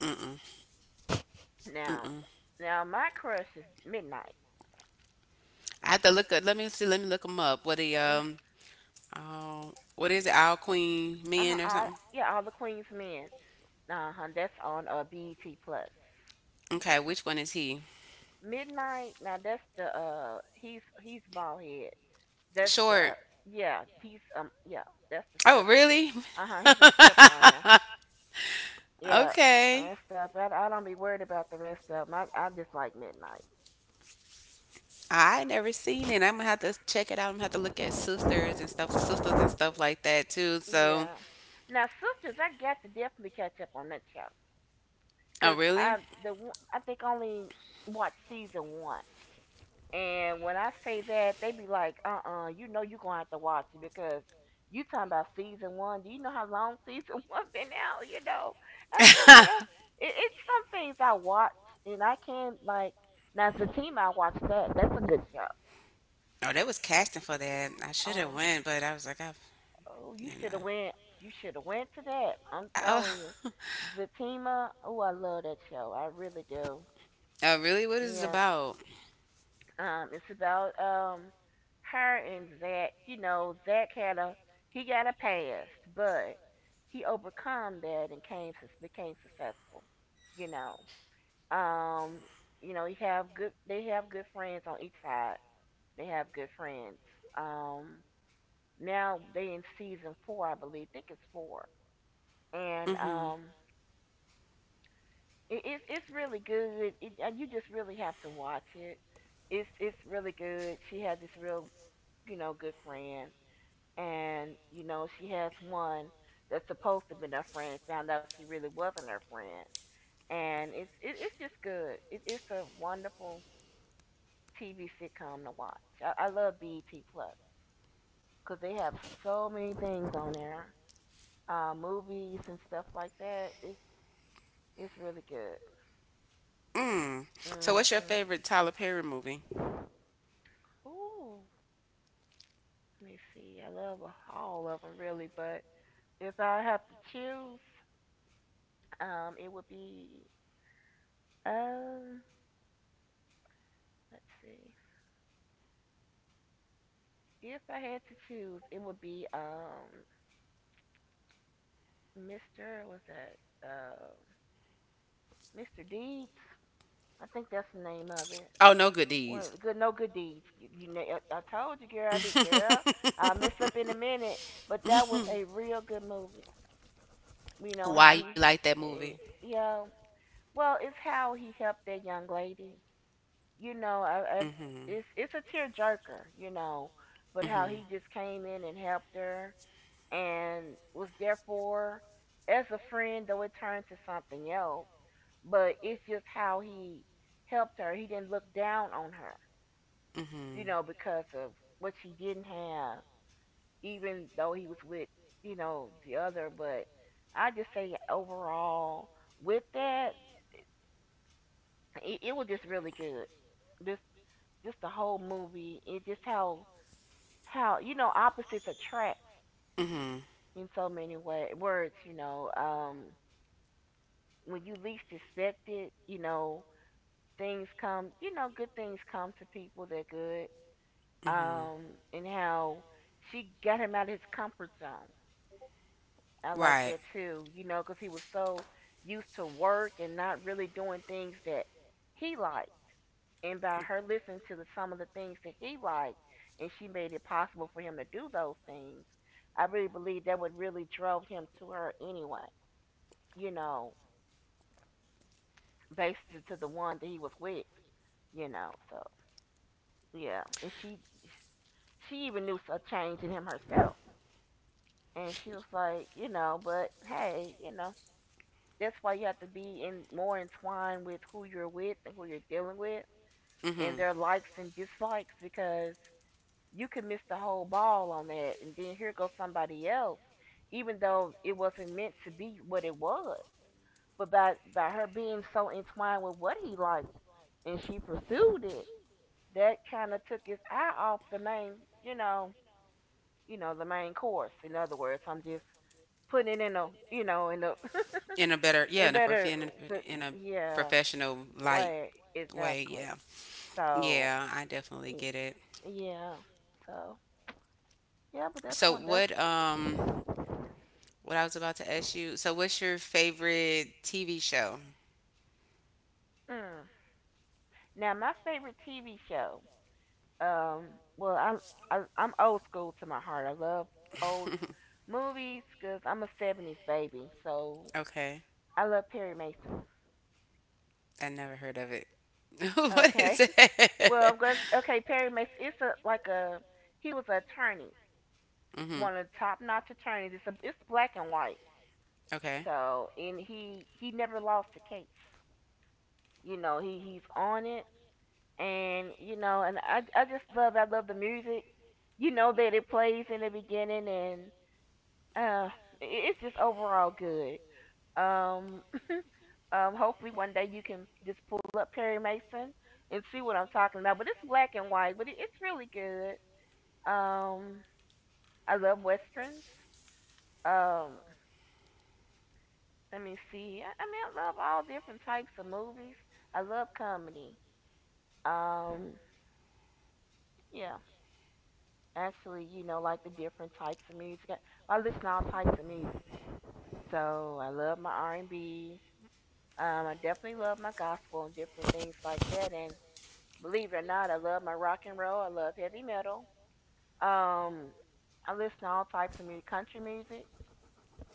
[SPEAKER 1] Mm-mm,
[SPEAKER 2] Now,
[SPEAKER 1] mm-mm.
[SPEAKER 2] now my crush is Midnight.
[SPEAKER 1] I have to look up. Let me see. Let me look him up. What he
[SPEAKER 2] Uh,
[SPEAKER 1] oh what is it? All Queen
[SPEAKER 2] huh
[SPEAKER 1] Men or
[SPEAKER 2] all,
[SPEAKER 1] something?
[SPEAKER 2] yeah, all the Queen's Men. Uh-huh, that's on BET Plus.
[SPEAKER 1] Okay, which one is he?
[SPEAKER 2] Midnight. Now that's the he's bald head. That's the
[SPEAKER 1] Short.
[SPEAKER 2] yeah he's yeah that's the oh,
[SPEAKER 1] Oh,
[SPEAKER 2] stripper.
[SPEAKER 1] really?
[SPEAKER 2] Uh-huh, he's a stripper on there. [laughs]
[SPEAKER 1] [laughs]
[SPEAKER 2] Yeah,
[SPEAKER 1] Okay.
[SPEAKER 2] and stuff. I don't be worried about the rest of them. I just like Midnight.
[SPEAKER 1] I never seen it. I'm gonna have to check it out. I'm gonna have to look at sisters and stuff like that too. So,
[SPEAKER 2] Yeah. Now Sisters, I got to definitely catch up on that show
[SPEAKER 1] oh
[SPEAKER 2] because
[SPEAKER 1] really?
[SPEAKER 2] I think only watched season one. And when I say that, they be like, you know you gonna have to watch it because you talking about season one. Do you know how long season [laughs] one been out, you know? I said,
[SPEAKER 1] [laughs] Oh,
[SPEAKER 2] well, it's some things I watch and I can like now as a team I watch that. That's a good show.
[SPEAKER 1] they was casting for that. I should have
[SPEAKER 2] Uh,
[SPEAKER 1] went, but I was like, I,
[SPEAKER 2] oh, you
[SPEAKER 1] you
[SPEAKER 2] should have
[SPEAKER 1] know,
[SPEAKER 2] went, you should have went to that. I'm
[SPEAKER 1] oh,
[SPEAKER 2] telling you.
[SPEAKER 1] [laughs]
[SPEAKER 2] Zatima, oh I love that show. I really do.
[SPEAKER 1] oh really? What is it
[SPEAKER 2] Yeah.
[SPEAKER 1] about?
[SPEAKER 2] It's about her and Zach. You know, Zach had a he got a past, but he overcome that and came became successful. You know, um, you know, he have good. They have good friends on each side. They have good friends. Um, now they in season four, I believe. I think it's four, and
[SPEAKER 1] Mm-hmm.
[SPEAKER 2] it's really good. It, and you just really have to watch it. It's really good. She had this real you know, good friend. And, you know, she has one that's supposed to have been her friend found out she really wasn't her friend. And it's just good. It's a wonderful TV sitcom to watch. I love BET Plus because they have so many things on there, movies and stuff like that. It's really good.
[SPEAKER 1] Mm. So, what's your
[SPEAKER 2] Hmm.
[SPEAKER 1] favorite Tyler Perry movie?
[SPEAKER 2] Ooh, let me see. I love all of them really, but if I have to choose, it would be um, let's see. If I had to choose, it would be Mr. Was that um Mr. Deeds? I think that's the name of it.
[SPEAKER 1] Oh, No Good
[SPEAKER 2] Well,
[SPEAKER 1] Deeds.
[SPEAKER 2] good, no good deeds. You know, I told you, girl. I be girl. I
[SPEAKER 1] [laughs]
[SPEAKER 2] will mess up in a minute, but that was a real good movie. You know how
[SPEAKER 1] Why
[SPEAKER 2] he,
[SPEAKER 1] you like that movie?
[SPEAKER 2] yeah. Well, it's how he helped that young lady. You know,
[SPEAKER 1] Mm-hmm.
[SPEAKER 2] it's a tearjerker. You know, but how
[SPEAKER 1] Mm-hmm.
[SPEAKER 2] he just came in and helped her and was therefore as a friend, though it turned to something else. But it's just how he helped her. He didn't look down on her, you
[SPEAKER 1] Mm-hmm.
[SPEAKER 2] know, because of what she didn't have, even though he was with, you know, the other. But I just say overall, with that, it was just really good. Just just the whole movie. It just how you know opposites attract
[SPEAKER 1] Mm-hmm.
[SPEAKER 2] in so many way words. You know, when you least expect it, you know, things come, you know, good things come to people that good.
[SPEAKER 1] Hmm.
[SPEAKER 2] And how she got him out of his comfort zone. I like that
[SPEAKER 1] Right.
[SPEAKER 2] too, you know, because he was so used to work and not really doing things that he liked. And by her listening to the, some of the things that he liked, and she made it possible for him to do those things, I really believe that would really drove him to her anyway, you know. Basically to the one that he was with, you know. So yeah, and she even knew a change in him herself, and she was like, you know, but hey, you know, that's why you have to be in more entwined with who you're with and who you're dealing with, and
[SPEAKER 1] Hmm.
[SPEAKER 2] their likes and dislikes because you could miss the whole ball on that, and then here goes somebody else, even though it wasn't meant to be what it was. But by her being so entwined with what he liked, and she pursued it, that kind of took his eye off the main, you know, you know, the main course. In other words, I'm just putting it in a, you know, in a,
[SPEAKER 1] In a better,
[SPEAKER 2] [laughs]
[SPEAKER 1] yeah,
[SPEAKER 2] in
[SPEAKER 1] in a
[SPEAKER 2] better,
[SPEAKER 1] in a, in a
[SPEAKER 2] yeah,
[SPEAKER 1] professional light
[SPEAKER 2] way
[SPEAKER 1] way.
[SPEAKER 2] exactly.
[SPEAKER 1] Yeah.
[SPEAKER 2] So,
[SPEAKER 1] Yeah, I definitely get it.
[SPEAKER 2] yeah, so yeah, but that's
[SPEAKER 1] So
[SPEAKER 2] one. That's
[SPEAKER 1] what I was about to ask you. So what's your favorite TV show?
[SPEAKER 2] mm. Now my favorite TV show. Um, well, I'm I'm old school to my heart. I love old
[SPEAKER 1] [laughs]
[SPEAKER 2] movies because I'm a '70s baby. So
[SPEAKER 1] Okay.
[SPEAKER 2] I love Perry Mason.
[SPEAKER 1] I never heard of it. [laughs] What
[SPEAKER 2] Okay,
[SPEAKER 1] is
[SPEAKER 2] well,
[SPEAKER 1] it?
[SPEAKER 2] I'm going to, okay,
[SPEAKER 1] [laughs]
[SPEAKER 2] Perry Mason. It's a like a he was an attorney,
[SPEAKER 1] Mhm.
[SPEAKER 2] one of the top notch attorneys. It's black and white.
[SPEAKER 1] Okay.
[SPEAKER 2] So and he never lost a case. You know he's on it, and you know and I just love I love the music. You know that it plays in the beginning, and uh, it's just overall good. Um, [clears throat] hopefully one day you can just pull up Perry Mason and see what I'm talking about. But it's black and white, but it's really good. Um, I love westerns. Um, let me see. I mean, I love all different types of movies. I love comedy. Um, yeah, actually, you know, like the different types of music. I listen to all types of music. So I love my R and B. I definitely love my gospel and different things like that. And believe it or not, I love my rock and roll. I love heavy metal. Um, I listen to all types of music, country music.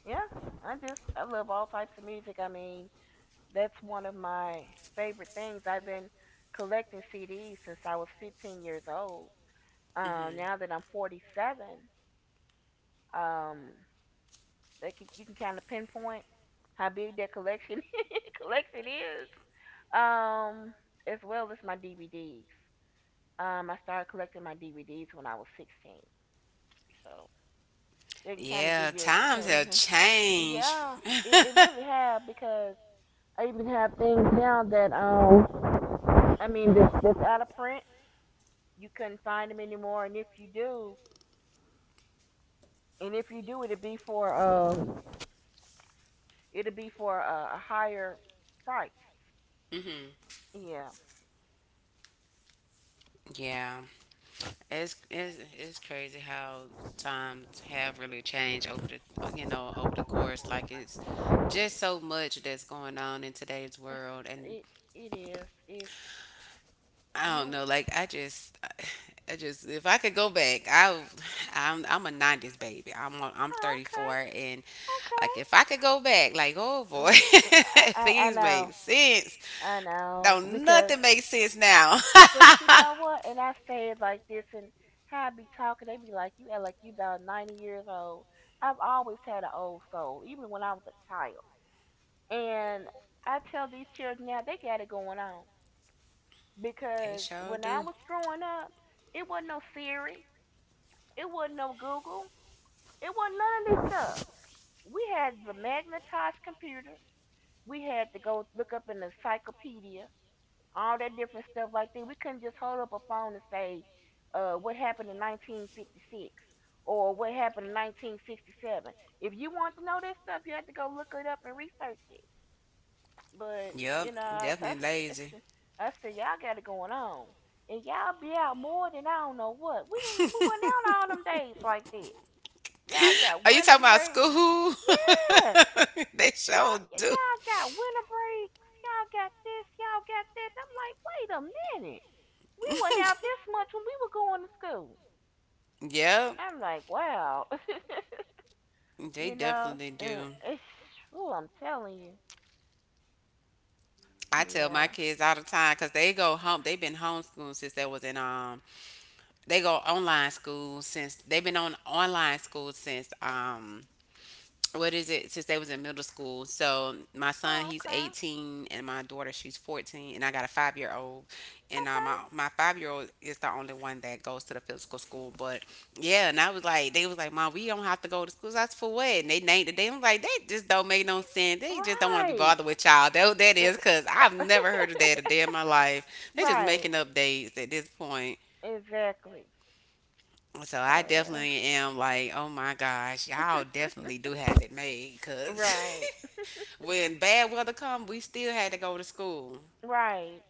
[SPEAKER 2] Yeah, I just I love all types of music. I mean, that's one of my favorite things. I've been collecting CDs since I was 15 years old.
[SPEAKER 1] Mhm.
[SPEAKER 2] Now that I'm 47, um, they can, you can kind of pinpoint how big that collection [laughs] collection is. Um, as well as my DVDs. I started collecting my DVDs when I was 16, so they can kind of give
[SPEAKER 1] Yeah,
[SPEAKER 2] you a,
[SPEAKER 1] times have changed.
[SPEAKER 2] yeah,
[SPEAKER 1] [laughs]
[SPEAKER 2] it really have because I even have things now that I mean that that's out of print. You couldn't find them anymore, and if you do, and if you do, it'd be for a higher price.
[SPEAKER 1] Hmm.
[SPEAKER 2] Yeah,
[SPEAKER 1] Yeah, it's crazy how times have really changed over the you know over the course. Like it's just so much that's going on in today's world, and
[SPEAKER 2] it it is. If
[SPEAKER 1] I
[SPEAKER 2] you.
[SPEAKER 1] don't know. Like I just if I could go back, I'm a '90s baby. I'm
[SPEAKER 2] Oh,
[SPEAKER 1] 34, and
[SPEAKER 2] okay,
[SPEAKER 1] like
[SPEAKER 2] okay.
[SPEAKER 1] if I could go back, like oh boy, [laughs]
[SPEAKER 2] Mm, I
[SPEAKER 1] things
[SPEAKER 2] know.
[SPEAKER 1] made sense.
[SPEAKER 2] I know
[SPEAKER 1] No,
[SPEAKER 2] because
[SPEAKER 1] nothing makes sense now.
[SPEAKER 2] but you know what? And I say it like this, and how I be talking, they be like, "You act like you about 90 years old." I've always had an old soul, even when I was a child. And I tell these children now they got it going on
[SPEAKER 1] [laughs] They
[SPEAKER 2] because
[SPEAKER 1] sure
[SPEAKER 2] when I
[SPEAKER 1] do.
[SPEAKER 2] was growing up, it wasn't no Siri, it wasn't no Google, it wasn't none of this stuff. We had the magnetized computers. We had to go look up in the encyclopedia, all that different stuff like that. We couldn't just hold up a phone and say, what happened in 1956 or what happened in 1967. If you want to know that stuff, you have to go look it up and research it. But, you
[SPEAKER 1] Yep,
[SPEAKER 2] know,
[SPEAKER 1] definitely lazy.
[SPEAKER 2] I [laughs] I said, y'all got it going on. And y'all be out more than I don't know what. We didn't, we went out
[SPEAKER 1] [laughs]
[SPEAKER 2] all them days like that. Y'all got
[SPEAKER 1] Are you
[SPEAKER 2] winter
[SPEAKER 1] talking about
[SPEAKER 2] breaks.
[SPEAKER 1] school?
[SPEAKER 2] Yes. [laughs]
[SPEAKER 1] [laughs] They sure do.
[SPEAKER 2] Y'all got winter breaks. Y'all got this. Y'all got that. And I'm like, wait a minute, we wasn't out this
[SPEAKER 1] [laughs]
[SPEAKER 2] much when we were going to school.
[SPEAKER 1] Yep,
[SPEAKER 2] I'm like, wow, [laughs]
[SPEAKER 1] they
[SPEAKER 2] you know,
[SPEAKER 1] definitely do.
[SPEAKER 2] oh, I'm telling you,
[SPEAKER 1] I tell
[SPEAKER 2] yeah.
[SPEAKER 1] my kids all the time because they go home. They've been homeschooling since they was in they go online school since they've been on online school since what is it since they was in middle school so my son
[SPEAKER 2] Oh,
[SPEAKER 1] he's
[SPEAKER 2] okay,
[SPEAKER 1] 18 and my daughter she's 14 and I got a 5-year old and
[SPEAKER 2] okay,
[SPEAKER 1] my 5-year old is the only one that goes to the physical school but yeah and I was like they was like mom we don't have to go to school that's for what and they named it they was like that just don't make no sense they just don't want to be
[SPEAKER 2] [laughs] right,
[SPEAKER 1] bothered with child that is because I've never heard of that a day in my life they're just
[SPEAKER 2] right,
[SPEAKER 1] making up dates at this point
[SPEAKER 2] exactly.
[SPEAKER 1] so
[SPEAKER 2] So,
[SPEAKER 1] I definitely am like, oh my gosh, y'all definitely do have it made because
[SPEAKER 2] right,
[SPEAKER 1] [laughs] when bad weather come, we still had to go to school.
[SPEAKER 2] right,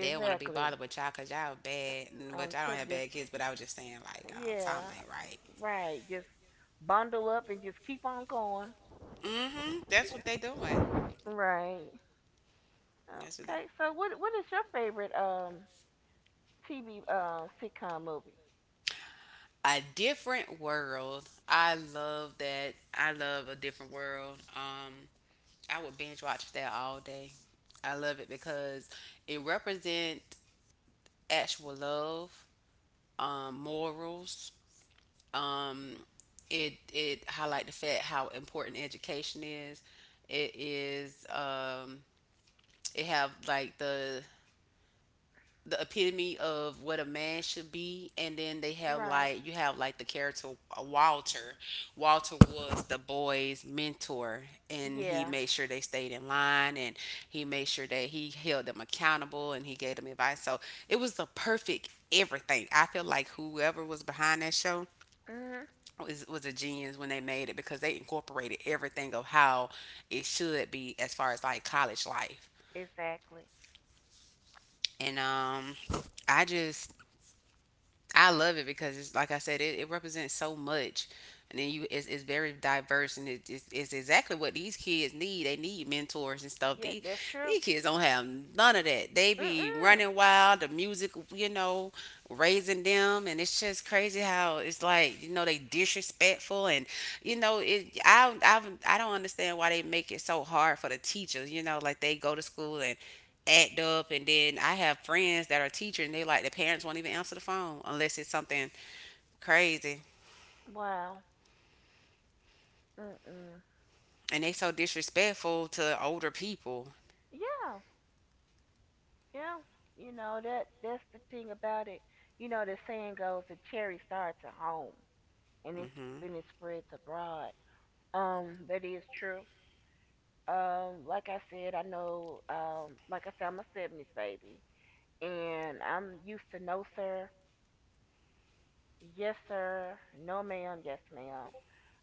[SPEAKER 1] They don't want to be bothered with y'all because y'all bad, and
[SPEAKER 2] Um,
[SPEAKER 1] which I
[SPEAKER 2] to
[SPEAKER 1] don't have
[SPEAKER 2] this,
[SPEAKER 1] bad kids, but I was just saying like,
[SPEAKER 2] yeah.
[SPEAKER 1] something ain't right.
[SPEAKER 2] Right. Just bundle up and just keep on going.
[SPEAKER 1] Mm-hmm. That's what they doing.
[SPEAKER 2] Right.
[SPEAKER 1] That's what they.
[SPEAKER 2] Okay. So what is your favorite TV sitcom movie?
[SPEAKER 1] A different world. I love that. I love a different world. I would binge watch that all day. I love it because it represents actual love, morals. Um, it it highlight the fact how important education is. It is it have like the epitome of what a man should be, and then they have
[SPEAKER 2] Right.
[SPEAKER 1] like you have like the character Walter. Walter was the boys' mentor, and he
[SPEAKER 2] Yeah.
[SPEAKER 1] made sure they stayed in line, and he made sure that he held them accountable, and he gave them advice. So it was the perfect everything. I feel like whoever was behind that show
[SPEAKER 2] Mhm.
[SPEAKER 1] was a genius when they made it because they incorporated everything of how it should be as far as like college life.
[SPEAKER 2] Exactly.
[SPEAKER 1] And I just I love it because it's like I said, it represents so much, and then you it's very diverse, and it's exactly what these kids need. They need mentors and stuff.
[SPEAKER 2] Yeah, that's true.
[SPEAKER 1] These kids don't have none of that. They be
[SPEAKER 2] Mm-mm.
[SPEAKER 1] running wild. The music, you know, raising them, and it's just crazy how it's like you know they disrespectful, and you know it. I don't understand why they make it so hard for the teachers. You know, like they go to school and act up and then I have friends that are teachers and they like the parents won't even answer the phone unless it's something crazy.
[SPEAKER 2] Wow. Mm-mm.
[SPEAKER 1] And they so disrespectful to older people.
[SPEAKER 2] Yeah. Yeah. You know that that's the thing about it. You know the saying goes, the cherry starts at home and
[SPEAKER 1] Mhm.
[SPEAKER 2] it spreads abroad. That is true. Like I said, I know. Like I said, I'm a '70s baby, and I'm used to no sir, yes sir, no ma'am, yes ma'am.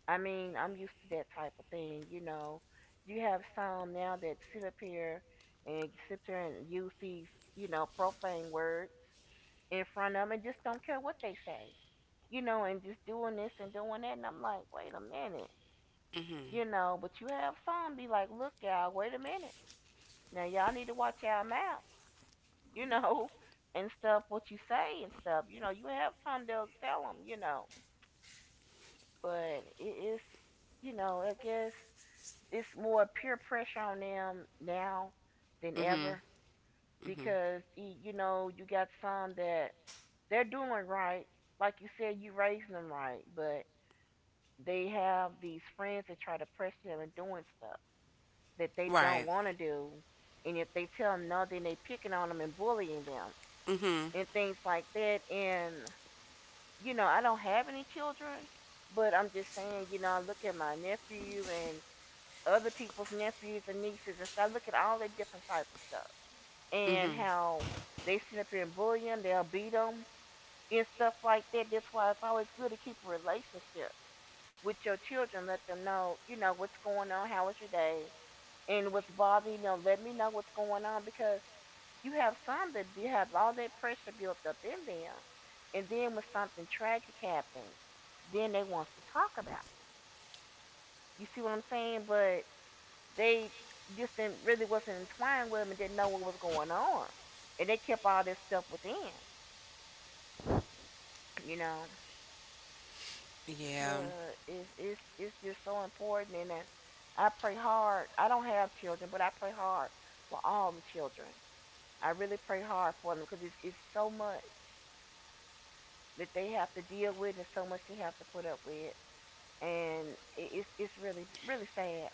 [SPEAKER 2] I mean, I'm used to that type of thing. You know, you have some now that sit up here and sit there and use these, you know, profane words in front of 'em and just don't care what they say. You know, and just doing this and doing that, and I'm like, wait a minute.
[SPEAKER 1] Mhm.
[SPEAKER 2] You know, but you have some be like, look, y'all, wait a minute. Now y'all need to watch y'all mouths, you know, [laughs] and stuff. What you say and stuff, you know. You have time to tell them, you know. But it is, you know, I guess it's more peer pressure on them now than
[SPEAKER 1] Mhm.
[SPEAKER 2] ever
[SPEAKER 1] Mhm.
[SPEAKER 2] because you know you got some that they're doing right. Like you said, you raising them right, but they have these friends that try to pressure them and doing stuff that they don't
[SPEAKER 1] Right.
[SPEAKER 2] want to do. And if they tell them no, then they picking on them and bullying them
[SPEAKER 1] Mhm.
[SPEAKER 2] and things like that. And you know, I don't have any children, but I'm just saying, you know, I look at my nephew and other people's nephews and nieces and stuff. I look at all that different type of stuff and
[SPEAKER 1] Mhm.
[SPEAKER 2] how they sit up here and bully them, they'll beat them and stuff like that. That's why it's always good to keep a relationship with your children. Let them know, you know, what's going on, how was your day, and what's bothering you. You know, let me know what's going on because you have some that have all that pressure built up in them, and then when something tragic happens, then they wants to talk about it. You see what I'm saying? But they just didn't really wasn't entwined with them and didn't know what was going on, and they kept all this stuff within. You know,
[SPEAKER 1] Yeah.
[SPEAKER 2] but it's it's just so important, and I pray hard. I don't have children, but I pray hard for all the children. I really pray hard for them because it's so much that they have to deal with and so much they have to put up with and it's really it's really sad,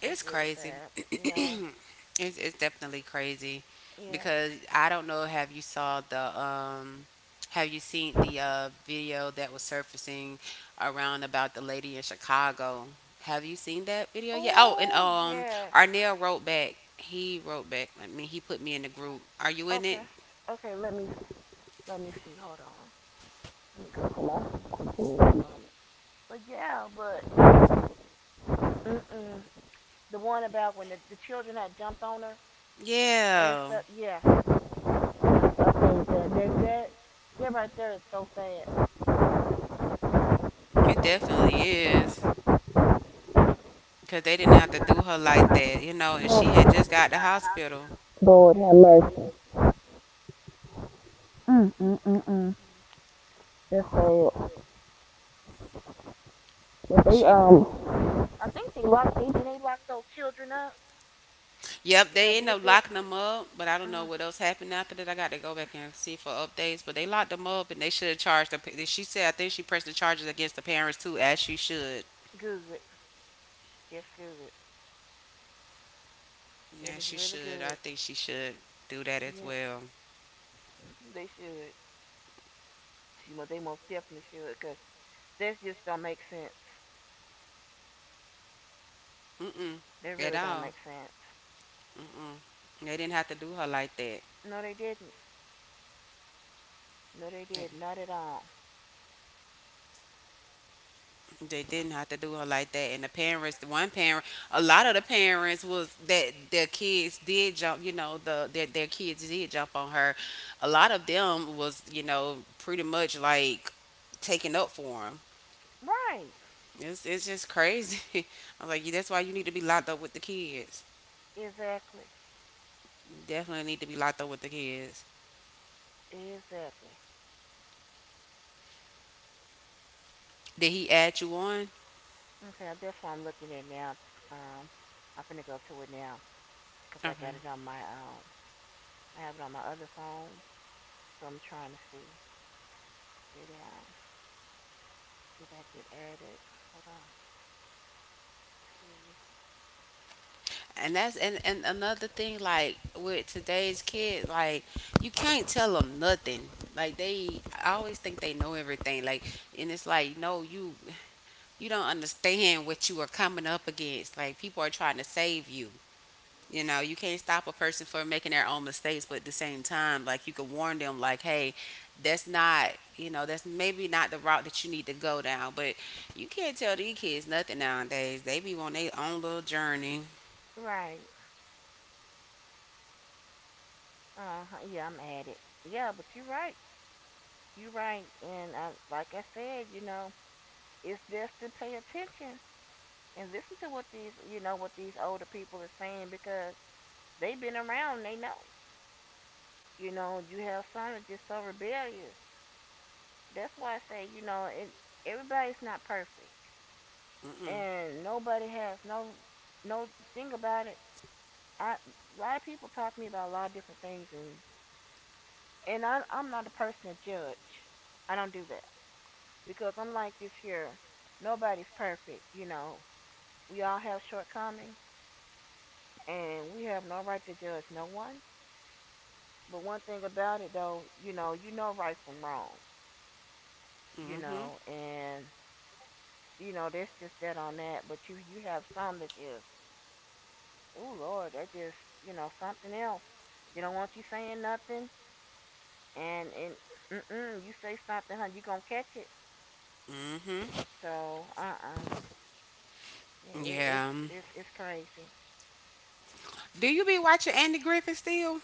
[SPEAKER 1] It's crazy. [clears throat]
[SPEAKER 2] you know.
[SPEAKER 1] it's it's definitely crazy
[SPEAKER 2] Yeah,
[SPEAKER 1] because I don't know. Have you saw the Have you seen the video that was surfacing around about the lady in Chicago? Have you seen that video? Yeah. Oh, and
[SPEAKER 2] oh yes,
[SPEAKER 1] Arnell wrote back. He wrote back. I mean, he put me in the group. Are you in it?
[SPEAKER 2] okay, okay, let me see, hold on, let me go, come on, give me one moment, but yeah but mm-mm, the one about when the children had jumped on her and
[SPEAKER 1] Yeah,
[SPEAKER 2] stuff, yeah, okay, that right there is so sad.
[SPEAKER 1] it definitely is. Cause they didn't have to do her like that, you know. And she had just got the hospital.
[SPEAKER 2] Lord have mercy. But they
[SPEAKER 1] She
[SPEAKER 2] I think they did they lock those children up.
[SPEAKER 1] Yep,
[SPEAKER 2] Did I
[SPEAKER 1] they end
[SPEAKER 2] did
[SPEAKER 1] up
[SPEAKER 2] that?
[SPEAKER 1] locking them up, but I don't know
[SPEAKER 2] Uh,
[SPEAKER 1] what else happened after that. I got to go back and see for updates, but they locked them up and they should have charged She said I think she pressed the charges against the parents too, as she should.
[SPEAKER 2] good. That's good. That
[SPEAKER 1] Yeah,
[SPEAKER 2] is
[SPEAKER 1] she
[SPEAKER 2] really
[SPEAKER 1] should. I
[SPEAKER 2] good.
[SPEAKER 1] think she should do that as
[SPEAKER 2] Yeah,
[SPEAKER 1] well.
[SPEAKER 2] they should. They most definitely should, cause that just don't make sense.
[SPEAKER 1] Mm mm,
[SPEAKER 2] That
[SPEAKER 1] at
[SPEAKER 2] really don't
[SPEAKER 1] all.
[SPEAKER 2] make sense.
[SPEAKER 1] They didn't have to do her like that.
[SPEAKER 2] No, they didn't. No, they did not at all.
[SPEAKER 1] They didn't have to do her like that. And the parents, the one parent, a lot of the parents was that their kids did jump, you know, their kids did jump on her. A lot of them was, you know, pretty much like taking up for them.
[SPEAKER 2] Right.
[SPEAKER 1] It's just crazy. [laughs] I'm like, yeah, that's why you need to be locked up with the kids.
[SPEAKER 2] Exactly.
[SPEAKER 1] You definitely need to be locked up with the kids.
[SPEAKER 2] Exactly.
[SPEAKER 1] Did he add you on?
[SPEAKER 2] Okay, that's what I'm looking at now. Um, I'm finna go to it now, cause I got it
[SPEAKER 1] Okay.
[SPEAKER 2] on my I have it on my other phone, so I'm trying to see. Did I did I get added? Hold on, let's see.
[SPEAKER 1] And another thing, like, with today's kid, like you can't tell them nothing. Like they I always think they know everything, like, and it's like, no, you you don't understand what you are coming up against. Like, people are trying to save you. You know, you can't stop a person from making their own mistakes, but at the same time, like, you can warn them, like, hey, that's not, you know, that's maybe not the route that you need to go down. But you can't tell these kids nothing nowadays, they be on their own little journey.
[SPEAKER 2] Right. Uh huh. Yeah, I'm added. Yeah, but you're right. You're right. And like I said, you know, it's best to pay attention and listen to what these, you know, what these older people are saying because they've been around. They know. You know, you have some that are just so rebellious. That's why I say, you know, and everybody's not perfect,
[SPEAKER 1] Mm-mm.
[SPEAKER 2] and nobody has no no thing about it. I a lot of people talk to me about a lot of different things, and I'm not a person to judge. I don't do that because I'm like this here. Nobody's perfect, you know. We all have shortcomings, and we have no right to judge no one. But one thing about it though, you know right from wrong, you
[SPEAKER 1] Mm-hmm.
[SPEAKER 2] know, and you know that's just that on that. But you have some that just oh Lord, that just you know something else. They don't want you saying nothing, and mm-mm, you say something, hun, you gonna catch it.
[SPEAKER 1] Mm-hmm.
[SPEAKER 2] So it, it's
[SPEAKER 1] Yeah.
[SPEAKER 2] it's crazy.
[SPEAKER 1] Do you be watching Andy Griffin still?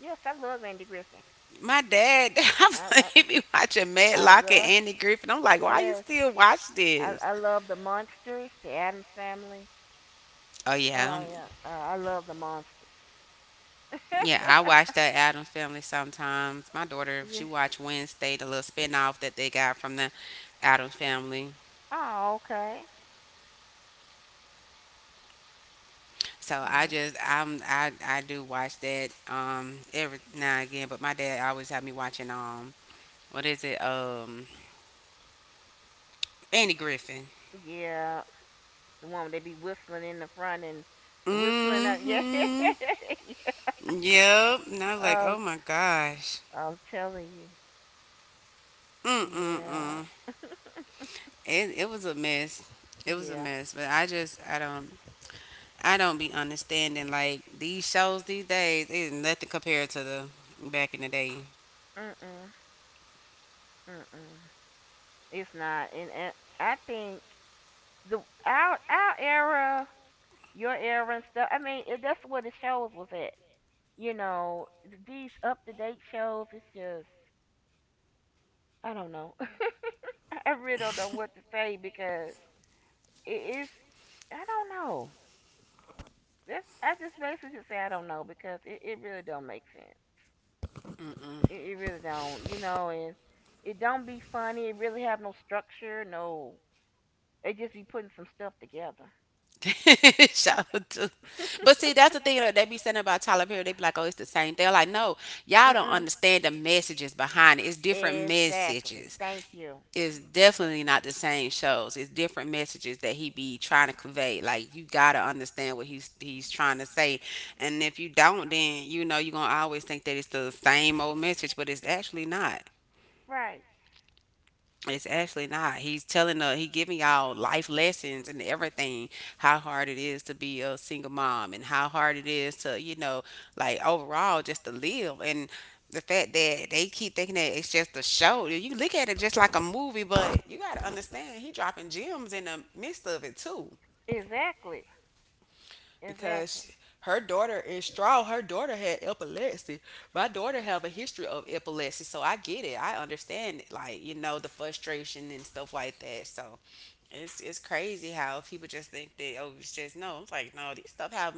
[SPEAKER 2] Yes, I love Andy Griffin.
[SPEAKER 1] My dad, [laughs] I'm like,
[SPEAKER 2] I
[SPEAKER 1] he be watching
[SPEAKER 2] [laughs] I,
[SPEAKER 1] Madlock and
[SPEAKER 2] love
[SPEAKER 1] Andy Griffin. I'm like, why you
[SPEAKER 2] yes,
[SPEAKER 1] still watch
[SPEAKER 2] I
[SPEAKER 1] this?
[SPEAKER 2] I love the Monsters, the Adams Family.
[SPEAKER 1] Oh
[SPEAKER 2] Oh
[SPEAKER 1] yeah,
[SPEAKER 2] yeah, I love the Monsters. [laughs]
[SPEAKER 1] yeah. I watch that
[SPEAKER 2] Yeah,
[SPEAKER 1] Adams Family sometimes. My daughter,
[SPEAKER 2] family. [laughs] Yeah.
[SPEAKER 1] she watch Wednesday, the little spinoff that they got from the Adams Family.
[SPEAKER 2] Oh okay.
[SPEAKER 1] So
[SPEAKER 2] Yeah,
[SPEAKER 1] I just, I'm,
[SPEAKER 2] pants.
[SPEAKER 1] I, I do watch that every now and again. But my dad always had me watching what is it, Andy Griffin.
[SPEAKER 2] Do watch that. Yeah, the woman they be whistling in the front and whistling up. [laughs] Yeah,
[SPEAKER 1] Mm-hmm. Yep. And I was like,
[SPEAKER 2] yeah.
[SPEAKER 1] oh my gosh.
[SPEAKER 2] I'm telling you.
[SPEAKER 1] Mm mm
[SPEAKER 2] Yeah,
[SPEAKER 1] mm. It was a mess. It was a
[SPEAKER 2] yeah.
[SPEAKER 1] mess. But I just I don't be understanding, like, these shows these days is nothing compared to the back in the day.
[SPEAKER 2] Mm mm mm mm. It's not, and I think the our era, your era and stuff. I mean, that's where the shows was at. You know, these up to date shows. It's just I don't know. [laughs] I really don't know what to say because it is I don't know. That's I just basically say I don't know because it really don't make sense. It really don't, you know, and it don't be funny. It really have no structure, no. They just be putting some stuff together.
[SPEAKER 1] [laughs] Shout out to.
[SPEAKER 2] [laughs]
[SPEAKER 1] But see, that's the thing that they be saying about
[SPEAKER 2] [laughs]
[SPEAKER 1] Tyler Perry. They be like, "Oh, it's the same." They're like,
[SPEAKER 2] go
[SPEAKER 1] "No, y'all don't
[SPEAKER 2] mm
[SPEAKER 1] understand the messages behind it. It's different
[SPEAKER 2] Exactly.
[SPEAKER 1] messages.
[SPEAKER 2] Thank you.
[SPEAKER 1] Is definitely not the same shows. It's different messages that he be trying to convey. Like, you gotta understand what he's trying to say, and if you don't, then, you know, you're gonna always think that it's the same old message, but it's actually not.
[SPEAKER 2] Right.
[SPEAKER 1] It's actually not. He's telling he giving y'all life lessons and everything. How hard it is to be a single mom and how hard it is to, you know, like, overall just to live, and the fact that they keep thinking that it's just a show. You look at it just like a movie, but you gotta understand he dropping gems in the midst of it too,
[SPEAKER 2] Exactly. Exactly.
[SPEAKER 1] because her daughter is strong. Her daughter had epilepsy. My daughter have a history of epilepsy, so I get it. I understand it. Like, you know, the frustration and stuff like that. So it's crazy how people just think that, oh, it's just no. It's like, no, these stuff have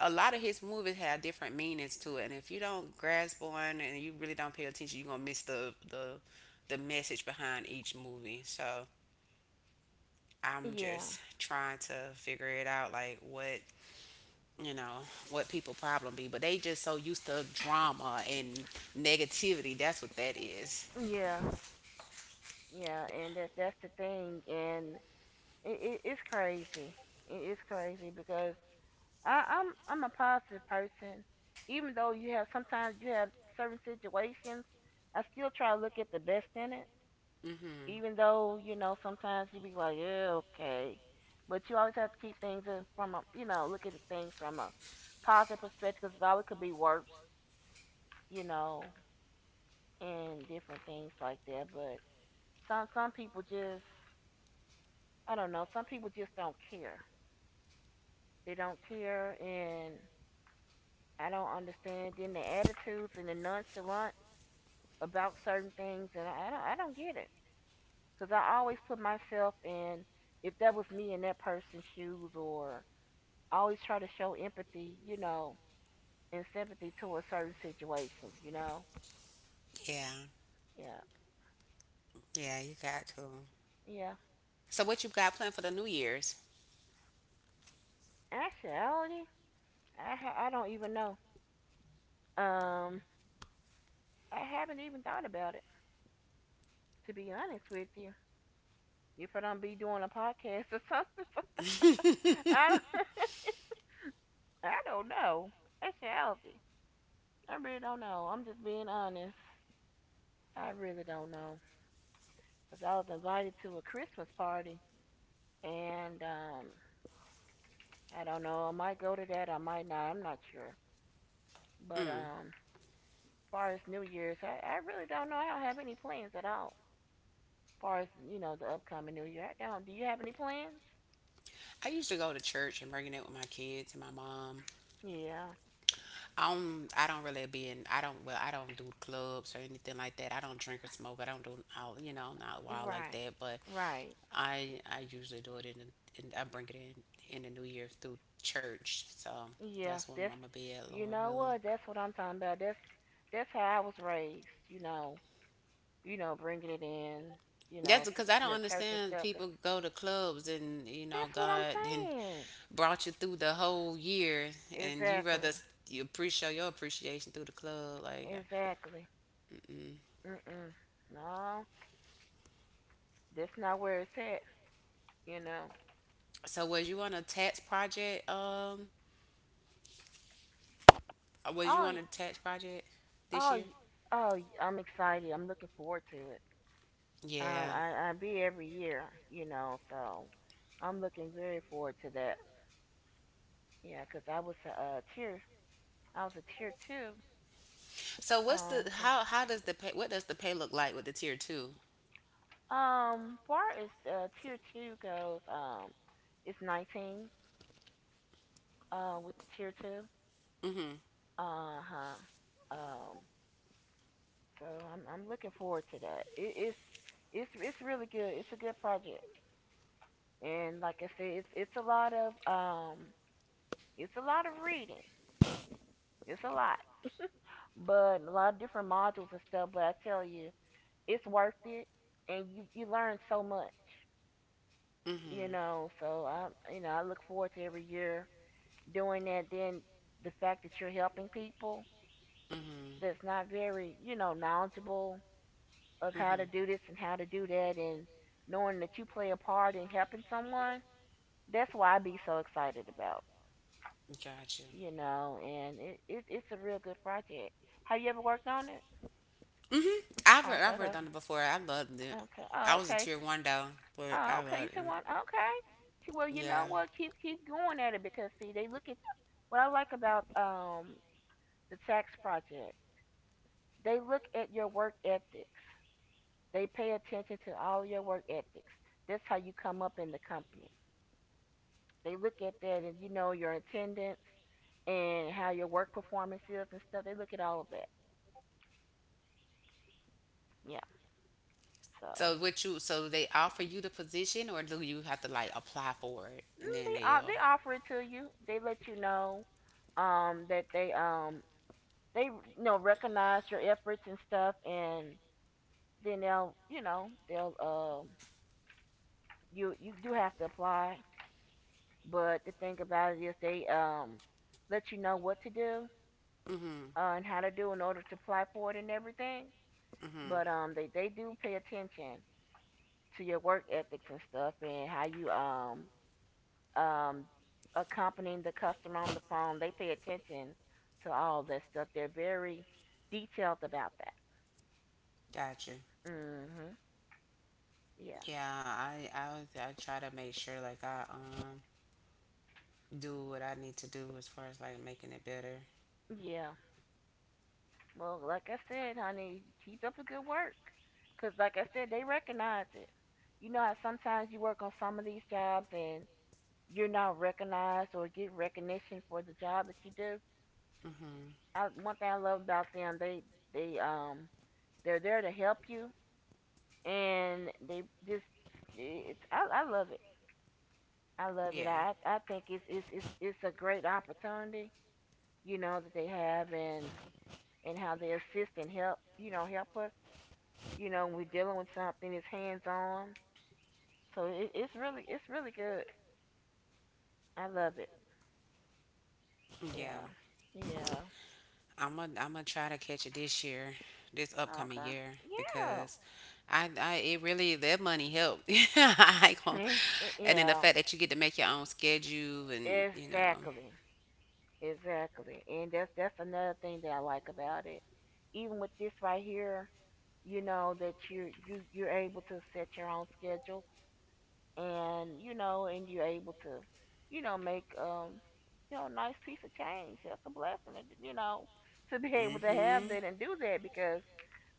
[SPEAKER 1] a lot of his movies have different meanings to it, and if you don't grasp on and you really don't pay attention, you're gonna miss the the message behind each movie. So I'm
[SPEAKER 2] Yeah.
[SPEAKER 1] just trying to figure it out, like what, you know, what people problem be, but they just so used to drama and negativity, that's what that is is.
[SPEAKER 2] Yeah. Yeah. And that's the thing. And It's crazy. It is crazy because I'm a positive person. Even though you have sometimes you have certain situations, I still try to look at the best in it.
[SPEAKER 1] Mhm.
[SPEAKER 2] Even though you know sometimes you be like, yeah, okay, but you always have to keep things in from a you know look at the things from a positive perspective because it always could be worse, you know, and different things like that. But some people just, I don't know. Some people just don't care. They don't care, and I don't understand. Then the attitudes and the nonchalant about certain things, and I don't get it. 'Cause I always put myself in, if that was me in that person's shoes, or I always try to show empathy, and sympathy towards certain situations.
[SPEAKER 1] Yeah.
[SPEAKER 2] Yeah,
[SPEAKER 1] Yeah, you got to.
[SPEAKER 2] yeah.
[SPEAKER 1] So what you got planned for the new year's?
[SPEAKER 2] Actuality, I don't even know. Um, I haven't even thought about it, to be honest with you. If I don't be doing a podcast or something,
[SPEAKER 1] [laughs]
[SPEAKER 2] [laughs] I don't,
[SPEAKER 1] Mm.
[SPEAKER 2] [laughs] I don't know. Actuality. I really don't know. I'm just being honest. I really don't know. Because I was invited to a Christmas party, and I don't know. I might go to that. I might not. I'm not sure. But as far as New Year's, I really don't know. I don't have any plans at all. As far as you know, the upcoming New Year, I don't. Do you have any plans?
[SPEAKER 1] I used to go to church and bring it with my kids and my mom.
[SPEAKER 2] Yeah.
[SPEAKER 1] I don't really be in, I don't, well, I don't do clubs or anything like that. I don't drink or smoke. I don't do, out, you know, not wild like
[SPEAKER 2] Right.
[SPEAKER 1] that. But
[SPEAKER 2] Right.
[SPEAKER 1] I usually do it in, I bring it in the new year through church. So
[SPEAKER 2] Yeah.
[SPEAKER 1] that's where
[SPEAKER 2] That's.
[SPEAKER 1] Mama be at,
[SPEAKER 2] You
[SPEAKER 1] Lord
[SPEAKER 2] know
[SPEAKER 1] willing.
[SPEAKER 2] what? That's what I'm talking about. That's. That's how I was raised. You know. Bringing it in,
[SPEAKER 1] That's because I
[SPEAKER 2] to the
[SPEAKER 1] don't
[SPEAKER 2] church and
[SPEAKER 1] understand
[SPEAKER 2] stuff. 'Cause
[SPEAKER 1] people go to clubs, and you know
[SPEAKER 2] that's what
[SPEAKER 1] God then
[SPEAKER 2] I'm
[SPEAKER 1] brought you through the whole year,
[SPEAKER 2] saying.
[SPEAKER 1] and you rather
[SPEAKER 2] Exactly.
[SPEAKER 1] you appreciate your appreciation through the club, like.
[SPEAKER 2] Exactly. Mm-mm. No, that's not where it's at. You know.
[SPEAKER 1] So was you on a tax project? Was you
[SPEAKER 2] Oh,
[SPEAKER 1] on a tax project this
[SPEAKER 2] oh,
[SPEAKER 1] year?
[SPEAKER 2] oh. I'm excited. I'm looking forward to it.
[SPEAKER 1] Yeah.
[SPEAKER 2] I be every year. You know, so I'm looking very forward to that. Yeah, 'cause I was a tier two.
[SPEAKER 1] So what's
[SPEAKER 2] Um,
[SPEAKER 1] the,
[SPEAKER 2] so
[SPEAKER 1] how does the pay, what does the pay look like with the tier two?
[SPEAKER 2] um, far as tier two goes, it's 19. With the tier two.
[SPEAKER 1] Mm-hmm.
[SPEAKER 2] Uh huh. Um, so I'm looking forward to that. It's really good. It's a good project, and like I said, it's a lot of reading. It's a lot, but a lot of different modules and stuff. But I tell you, it's worth it, and you learn so much. You
[SPEAKER 1] Mm-hmm.
[SPEAKER 2] know, so I you know I look forward to every year doing that. Then the fact that you're helping people
[SPEAKER 1] Mm-hmm.
[SPEAKER 2] that's not very knowledgeable of how to
[SPEAKER 1] Mm-hmm.
[SPEAKER 2] do this and how to do that, and knowing that you play a part in helping someone, that's why I be so excited about,
[SPEAKER 1] Gotcha.
[SPEAKER 2] and it's a real good project. Have you ever worked on it?
[SPEAKER 1] Mm-hmm.
[SPEAKER 2] Okay.
[SPEAKER 1] I've
[SPEAKER 2] Okay.
[SPEAKER 1] worked on it before. I loved it.
[SPEAKER 2] Okay. Oh,
[SPEAKER 1] I was a
[SPEAKER 2] okay.
[SPEAKER 1] tier one though, but
[SPEAKER 2] Oh,
[SPEAKER 1] I
[SPEAKER 2] okay. You
[SPEAKER 1] loved
[SPEAKER 2] said
[SPEAKER 1] it.
[SPEAKER 2] one? Okay. See, well, you know
[SPEAKER 1] Yeah.
[SPEAKER 2] what, keep going at it, because see, they look at what I like about the tax project. They look at your work ethics, they pay attention to all your work ethics. That's how you come up in the company. They look at that, and you know, your attendance and how your work performance is and stuff. They look at all of that. Yeah. So
[SPEAKER 1] So what you, so they offer you the position, or do you have to like apply for it, and then
[SPEAKER 2] they
[SPEAKER 1] they'll
[SPEAKER 2] offer it to you. They let you know that they recognize your efforts and stuff, and then they'll you know they'll you do have to apply. But the thing about it is, they let you know what to do,
[SPEAKER 1] Mhm.
[SPEAKER 2] and how to do, in order to apply for it and everything. But
[SPEAKER 1] Mhm.
[SPEAKER 2] they do pay attention to your work ethics and stuff, and how you um accompanying the customer on the phone. They pay attention to all that stuff. They're very detailed about that.
[SPEAKER 1] Gotcha.
[SPEAKER 2] Mhm. Yeah.
[SPEAKER 1] Yeah, I try to make sure like I do what I need to do as far as like making it better.
[SPEAKER 2] Yeah. Well, like I said, honey, keep up the good work. 'Cause like I said, they recognize it. You know how sometimes you work on some of these jobs and you're not recognized or get recognition for the job that you do.
[SPEAKER 1] Mm-hmm.
[SPEAKER 2] One thing I love about them, they um they're there to help you, and they just it's I love it. I love it.
[SPEAKER 1] Yeah,
[SPEAKER 2] I think it's a great opportunity, that they have, and how they assist and help, help us, when we're dealing with something, it's hands on. So it's really good. I love it.
[SPEAKER 1] yeah.
[SPEAKER 2] Yeah. Yeah.
[SPEAKER 1] I'm gonna try to catch it this year, this upcoming
[SPEAKER 2] Okay.
[SPEAKER 1] year,
[SPEAKER 2] Yeah.
[SPEAKER 1] because I it really that money helped. [laughs] I ain't gonna,
[SPEAKER 2] [laughs]
[SPEAKER 1] and then the
[SPEAKER 2] Yeah.
[SPEAKER 1] fact that you get to make your own schedule, and you know,
[SPEAKER 2] Exactly. Exactly. And that's another thing that I like about it. Even with this right here, you know that you're able to set your own schedule, and and you're able to make nice piece of change, that's a blessing, and, you know, [laughs] to be able to have
[SPEAKER 1] mm-hmm.
[SPEAKER 2] that and do that, because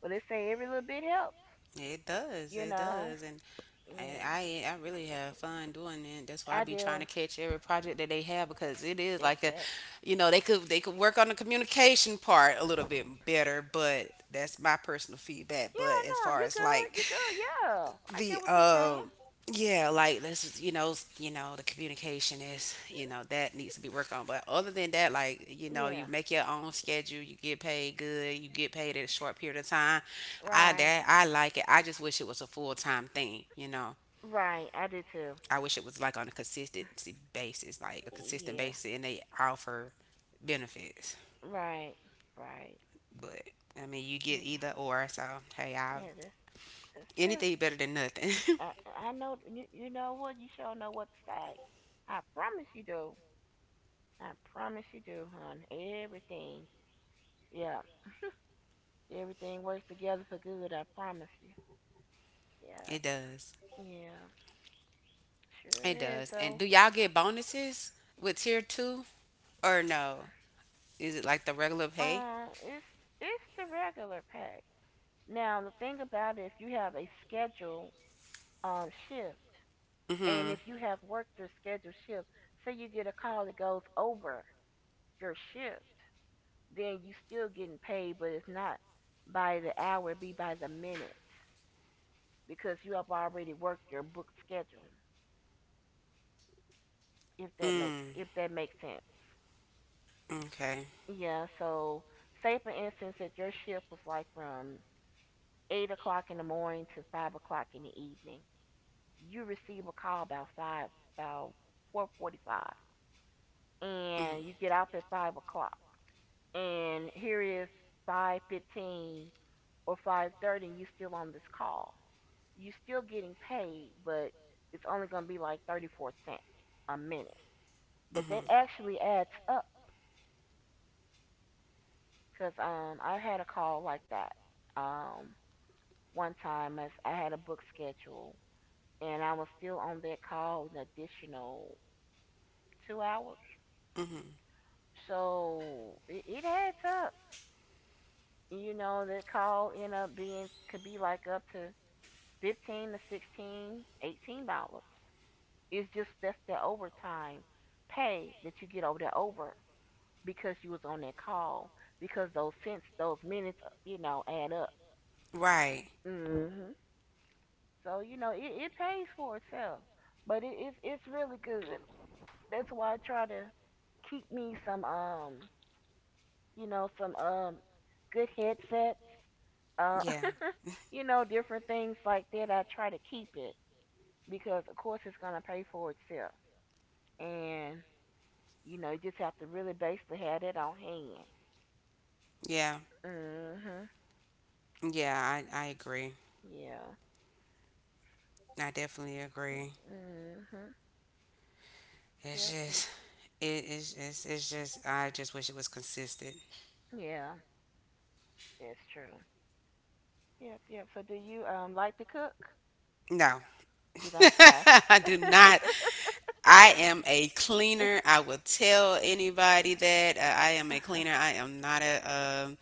[SPEAKER 2] well, they say every little bit helps, you
[SPEAKER 1] It
[SPEAKER 2] know
[SPEAKER 1] does, and
[SPEAKER 2] yeah,
[SPEAKER 1] I, I really have fun doing it. That's why I
[SPEAKER 2] I
[SPEAKER 1] be trying to
[SPEAKER 2] do.
[SPEAKER 1] catch every project that they have, because it is
[SPEAKER 2] Is
[SPEAKER 1] like a,
[SPEAKER 2] that.
[SPEAKER 1] you know, they could work on the communication part a little bit better, but that's my personal feedback.
[SPEAKER 2] Yeah,
[SPEAKER 1] But as
[SPEAKER 2] no,
[SPEAKER 1] far
[SPEAKER 2] you
[SPEAKER 1] as
[SPEAKER 2] good
[SPEAKER 1] like
[SPEAKER 2] you good yeah, I get
[SPEAKER 1] the
[SPEAKER 2] what you're saying.
[SPEAKER 1] yeah, like, let's, you know, you know, the communication is, you know, that needs to be worked on. But other than that, like, you know, you
[SPEAKER 2] Yeah,
[SPEAKER 1] make your own schedule, you get paid good, you get paid at a short period of time. I
[SPEAKER 2] right.
[SPEAKER 1] that I like it. I just wish it was a full time thing. You know,
[SPEAKER 2] Right, I do too.
[SPEAKER 1] I wish it was like on a consistency basis, like a consistent
[SPEAKER 2] Yeah,
[SPEAKER 1] basis, and they offer benefits.
[SPEAKER 2] right, right.
[SPEAKER 1] But I mean, you get
[SPEAKER 2] Yeah,
[SPEAKER 1] either or. So hey, I
[SPEAKER 2] yeah, that's true.
[SPEAKER 1] anything better than nothing.
[SPEAKER 2] I
[SPEAKER 1] [laughs]
[SPEAKER 2] I know, you know what, you sure know what to say. I promise you do. I promise you do, hon. Everything. Yeah, everything works together for good. I promise you.
[SPEAKER 1] It
[SPEAKER 2] Yeah,
[SPEAKER 1] does.
[SPEAKER 2] yeah, sure
[SPEAKER 1] It
[SPEAKER 2] is.
[SPEAKER 1] does. And
[SPEAKER 2] So,
[SPEAKER 1] do y'all get bonuses with tier two or no? Is it like the regular pay?
[SPEAKER 2] um, it's it's the regular pay. Now the thing about it, if you have a schedule shift, and
[SPEAKER 1] Mm-hmm.
[SPEAKER 2] if you have worked your scheduled shift, say you get a call that goes over your shift, then you still getting paid, but it's not by the hour, it be by the minute, because you have already worked your book schedule. If that makes
[SPEAKER 1] Mm.
[SPEAKER 2] if that makes sense.
[SPEAKER 1] Okay.
[SPEAKER 2] Yeah. So say for instance that your shift was like from 8 o'clock in the morning to 5 o'clock in the evening. You receive a call about 4:45,
[SPEAKER 1] Mm-hmm.
[SPEAKER 2] and you get off at 5 o'clock. And here is 5:15 or 5:30 and you still on this call. You're still getting paid, but it's only going to be like 34 cents a minute. But that
[SPEAKER 1] Mm-hmm.
[SPEAKER 2] actually adds up, cuz I had a call like that. Um one time, as I had a book schedule and I was still on that call an additional 2 hours.
[SPEAKER 1] Mm-hmm.
[SPEAKER 2] So it adds up. You know, that call end up being, could be like up to 15 to 16, $18. It's just, that's the overtime pay that you get over there, over, because you was on that call, because those cents, those minutes, add up.
[SPEAKER 1] Right.
[SPEAKER 2] hmm so it pays for itself, but it's really good. That's why I try to keep me some good headsets, uh
[SPEAKER 1] Yeah.
[SPEAKER 2] [laughs] different things like that. I try to keep it, because of course it's gonna pay for itself, and you just have to really basically have that on hand.
[SPEAKER 1] Yeah.
[SPEAKER 2] Mhm.
[SPEAKER 1] Yeah. I agree.
[SPEAKER 2] Yeah.
[SPEAKER 1] I definitely agree.
[SPEAKER 2] Mhm.
[SPEAKER 1] It's
[SPEAKER 2] Yep. Yep.
[SPEAKER 1] just It's just, I just wish it was consistent.
[SPEAKER 2] Yeah. It's true. Yep. Yep. So do you like to cook?
[SPEAKER 1] No,
[SPEAKER 2] You don't.
[SPEAKER 1] [laughs]
[SPEAKER 2] I.
[SPEAKER 1] I do
[SPEAKER 2] [laughs]
[SPEAKER 1] not. I am a cleaner. I will tell anybody that I am a cleaner. I am not a, um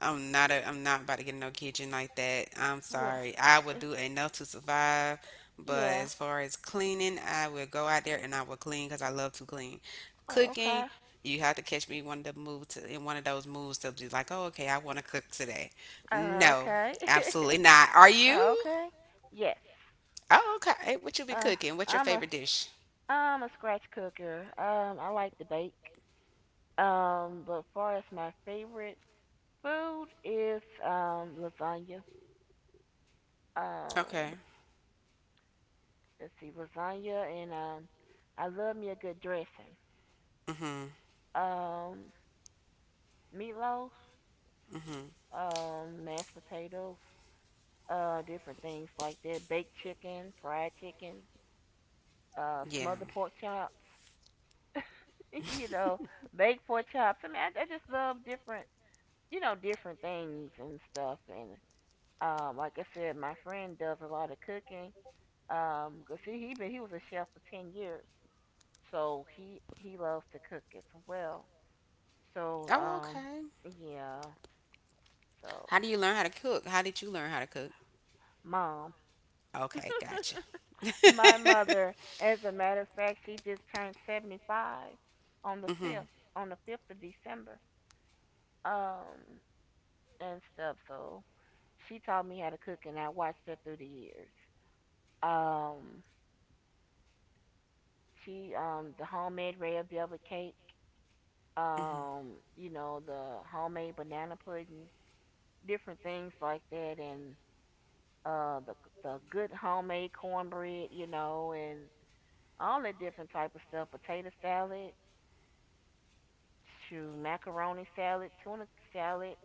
[SPEAKER 1] I'm not a, I'm not about to get no kitchen like that. I'm
[SPEAKER 2] Re-
[SPEAKER 1] sorry. I would
[SPEAKER 2] eh,
[SPEAKER 1] do enough to survive, but
[SPEAKER 2] yeah.
[SPEAKER 1] as far as cleaning, I would go out there and I would clean because I love to clean.
[SPEAKER 2] Oh,
[SPEAKER 1] Cooking,
[SPEAKER 2] okay.
[SPEAKER 1] you have to catch me one of the move to in one of those moves to be like, oh, okay, I want to cook today.
[SPEAKER 2] Uh,
[SPEAKER 1] No,
[SPEAKER 2] okay.
[SPEAKER 1] absolutely not. Are
[SPEAKER 2] [laughs]
[SPEAKER 1] you?
[SPEAKER 2] Okay. Yes.
[SPEAKER 1] Oh, okay. Hey, what you be
[SPEAKER 2] Uh,
[SPEAKER 1] cooking? What's your
[SPEAKER 2] I'm a
[SPEAKER 1] favorite dish?
[SPEAKER 2] I'm a scratch cooker. I like to bake. But far as my favorite food is lasagna. Um,
[SPEAKER 1] Okay.
[SPEAKER 2] let's see, lasagna and I love me a good dressing.
[SPEAKER 1] Mhm.
[SPEAKER 2] Um, meatloaf,
[SPEAKER 1] Mhm.
[SPEAKER 2] mashed potatoes, different things like that. Baked chicken, fried chicken,
[SPEAKER 1] Yeah.
[SPEAKER 2] smothered pork chops. [laughs] you know, baked pork chops. I mean, I just love different, different things and stuff. And like I said, my friend does a lot of cooking. 'Cause see, he was a chef for 10 years, so he loves to cook as well. So
[SPEAKER 1] Oh, okay.
[SPEAKER 2] yeah.
[SPEAKER 1] How
[SPEAKER 2] So
[SPEAKER 1] do you learn how to cook? How did you learn how to cook?
[SPEAKER 2] mom,
[SPEAKER 1] Okay, gotcha. [laughs]
[SPEAKER 2] my mother, as a matter of fact, she just turned 75 on the
[SPEAKER 1] Hmm.
[SPEAKER 2] fifth on the fifth of December. Um, and stuff. So she taught me how to cook, and I watched her through the years. Um, she the homemade red velvet cake. You know the homemade banana pudding, different things like that, and uh, the the good homemade cornbread, and all that different type of stuff. Potato salad, shoot, macaroni salad, tuna salad,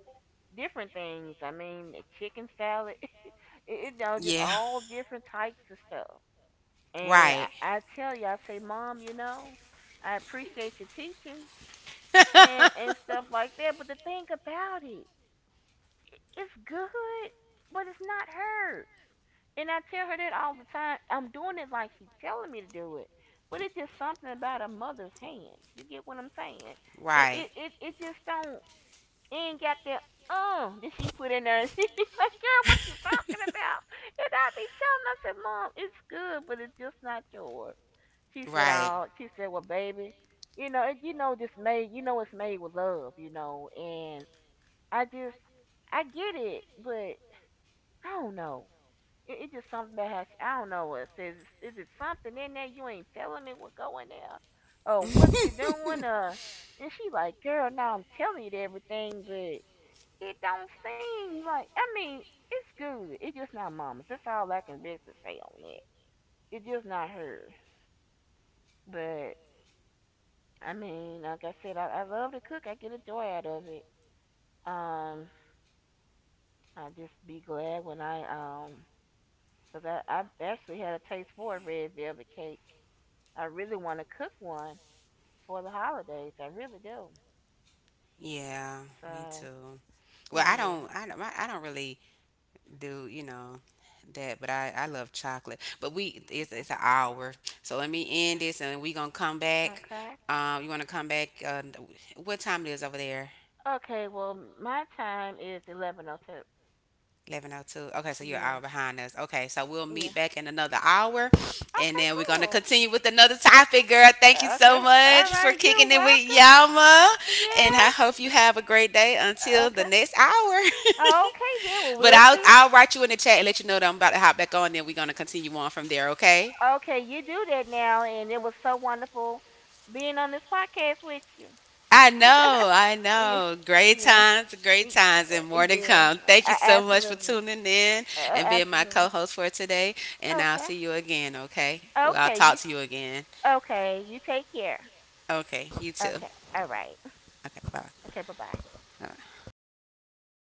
[SPEAKER 2] different things. I mean, chicken salad, [laughs]
[SPEAKER 1] Yeah,
[SPEAKER 2] just all different types of stuff. And
[SPEAKER 1] right,
[SPEAKER 2] I tell you, I say, Mom, I appreciate your teachings, and stuff like that. But the thing about it, it's good, but it's not hers. And I tell her that all the time. I'm doing it like she's telling me to do it. But it's just something about a mother's hands. You get what I'm saying? It
[SPEAKER 1] right.
[SPEAKER 2] it it, it just don't, it ain't got that that she put in there, [laughs] and she be like, girl, what you talking about? And I be telling her, I said, Mom, it's good, but it's just not yours. She said,
[SPEAKER 1] Right.
[SPEAKER 2] oh, she said, well, baby, you know, it, you know, just made, you know, it's made with love, you know, and I just I get it, but I don't know. It's just something that has, I don't know what it says. Is it something in there you ain't telling me, what going there? Or what you doing?
[SPEAKER 1] [laughs]
[SPEAKER 2] And she like, girl, now I'm telling you everything, but it don't seem like, I mean, it's good. It's just not mama's. That's all I can basically say on it. It's just not hers. But I mean, like I said, I love to cook. I get a joy out of it. Um, I just be glad when I 'cause I actually had a taste for a red velvet cake, I really want to cook one for the holidays. I really do.
[SPEAKER 1] Yeah, me
[SPEAKER 2] So,
[SPEAKER 1] too. Well,
[SPEAKER 2] yeah.
[SPEAKER 1] I don't really do you know that, but I love chocolate, but we
[SPEAKER 2] Okay.
[SPEAKER 1] it's an hour, so let me end this, and we gonna come back.
[SPEAKER 2] Okay.
[SPEAKER 1] Um, you want to come back, uh, what time it is over there?
[SPEAKER 2] Okay. Well, my time is 11:02.
[SPEAKER 1] 11:02, okay, so you're an hour
[SPEAKER 2] Yeah.
[SPEAKER 1] behind us, okay, so we'll
[SPEAKER 2] Yeah.
[SPEAKER 1] meet back in another hour, and then we're
[SPEAKER 2] Okay.
[SPEAKER 1] gonna
[SPEAKER 2] And we.
[SPEAKER 1] continue with another topic. Girl, thank you so much
[SPEAKER 2] For.
[SPEAKER 1] for kicking it with
[SPEAKER 2] You're.
[SPEAKER 1] yama, and I hope you
[SPEAKER 2] Yes.
[SPEAKER 1] have a great day until the next hour. [laughs]
[SPEAKER 2] [laughs] Okay, then. Well,
[SPEAKER 1] But
[SPEAKER 2] we'll [laughs]
[SPEAKER 1] I'll write you in the chat and let you know that I'm about to hop back on. Then we're gonna continue on from there. Okay.
[SPEAKER 2] okay? Okay, you do that now, and it was so wonderful being on this podcast with you.
[SPEAKER 1] I
[SPEAKER 2] I know,
[SPEAKER 1] know, I
[SPEAKER 2] I [laughs] yeah, know.
[SPEAKER 1] know.
[SPEAKER 2] Great yeah, times,
[SPEAKER 1] Great
[SPEAKER 2] great times,
[SPEAKER 1] times, and
[SPEAKER 2] great
[SPEAKER 1] more to come. Thank you
[SPEAKER 2] yeah. times.
[SPEAKER 1] so
[SPEAKER 2] So
[SPEAKER 1] much
[SPEAKER 2] much. Absolutely, for
[SPEAKER 1] for
[SPEAKER 2] tuning
[SPEAKER 1] tuning in
[SPEAKER 2] I my
[SPEAKER 1] and being my
[SPEAKER 2] absolutely,
[SPEAKER 1] co
[SPEAKER 2] co-host
[SPEAKER 1] host for today. And
[SPEAKER 2] for
[SPEAKER 1] I'll
[SPEAKER 2] today,
[SPEAKER 1] see you again, okay?
[SPEAKER 2] and
[SPEAKER 1] Well, I'll
[SPEAKER 2] okay, I'll see you
[SPEAKER 1] talk
[SPEAKER 2] again,
[SPEAKER 1] to you again.
[SPEAKER 2] okay? And okay. I'll You talk to you again. Okay? You take care.
[SPEAKER 1] Okay, you too.
[SPEAKER 2] Okay, all right.
[SPEAKER 1] Okay, bye.
[SPEAKER 2] Okay, bye bye.
[SPEAKER 1] Bye.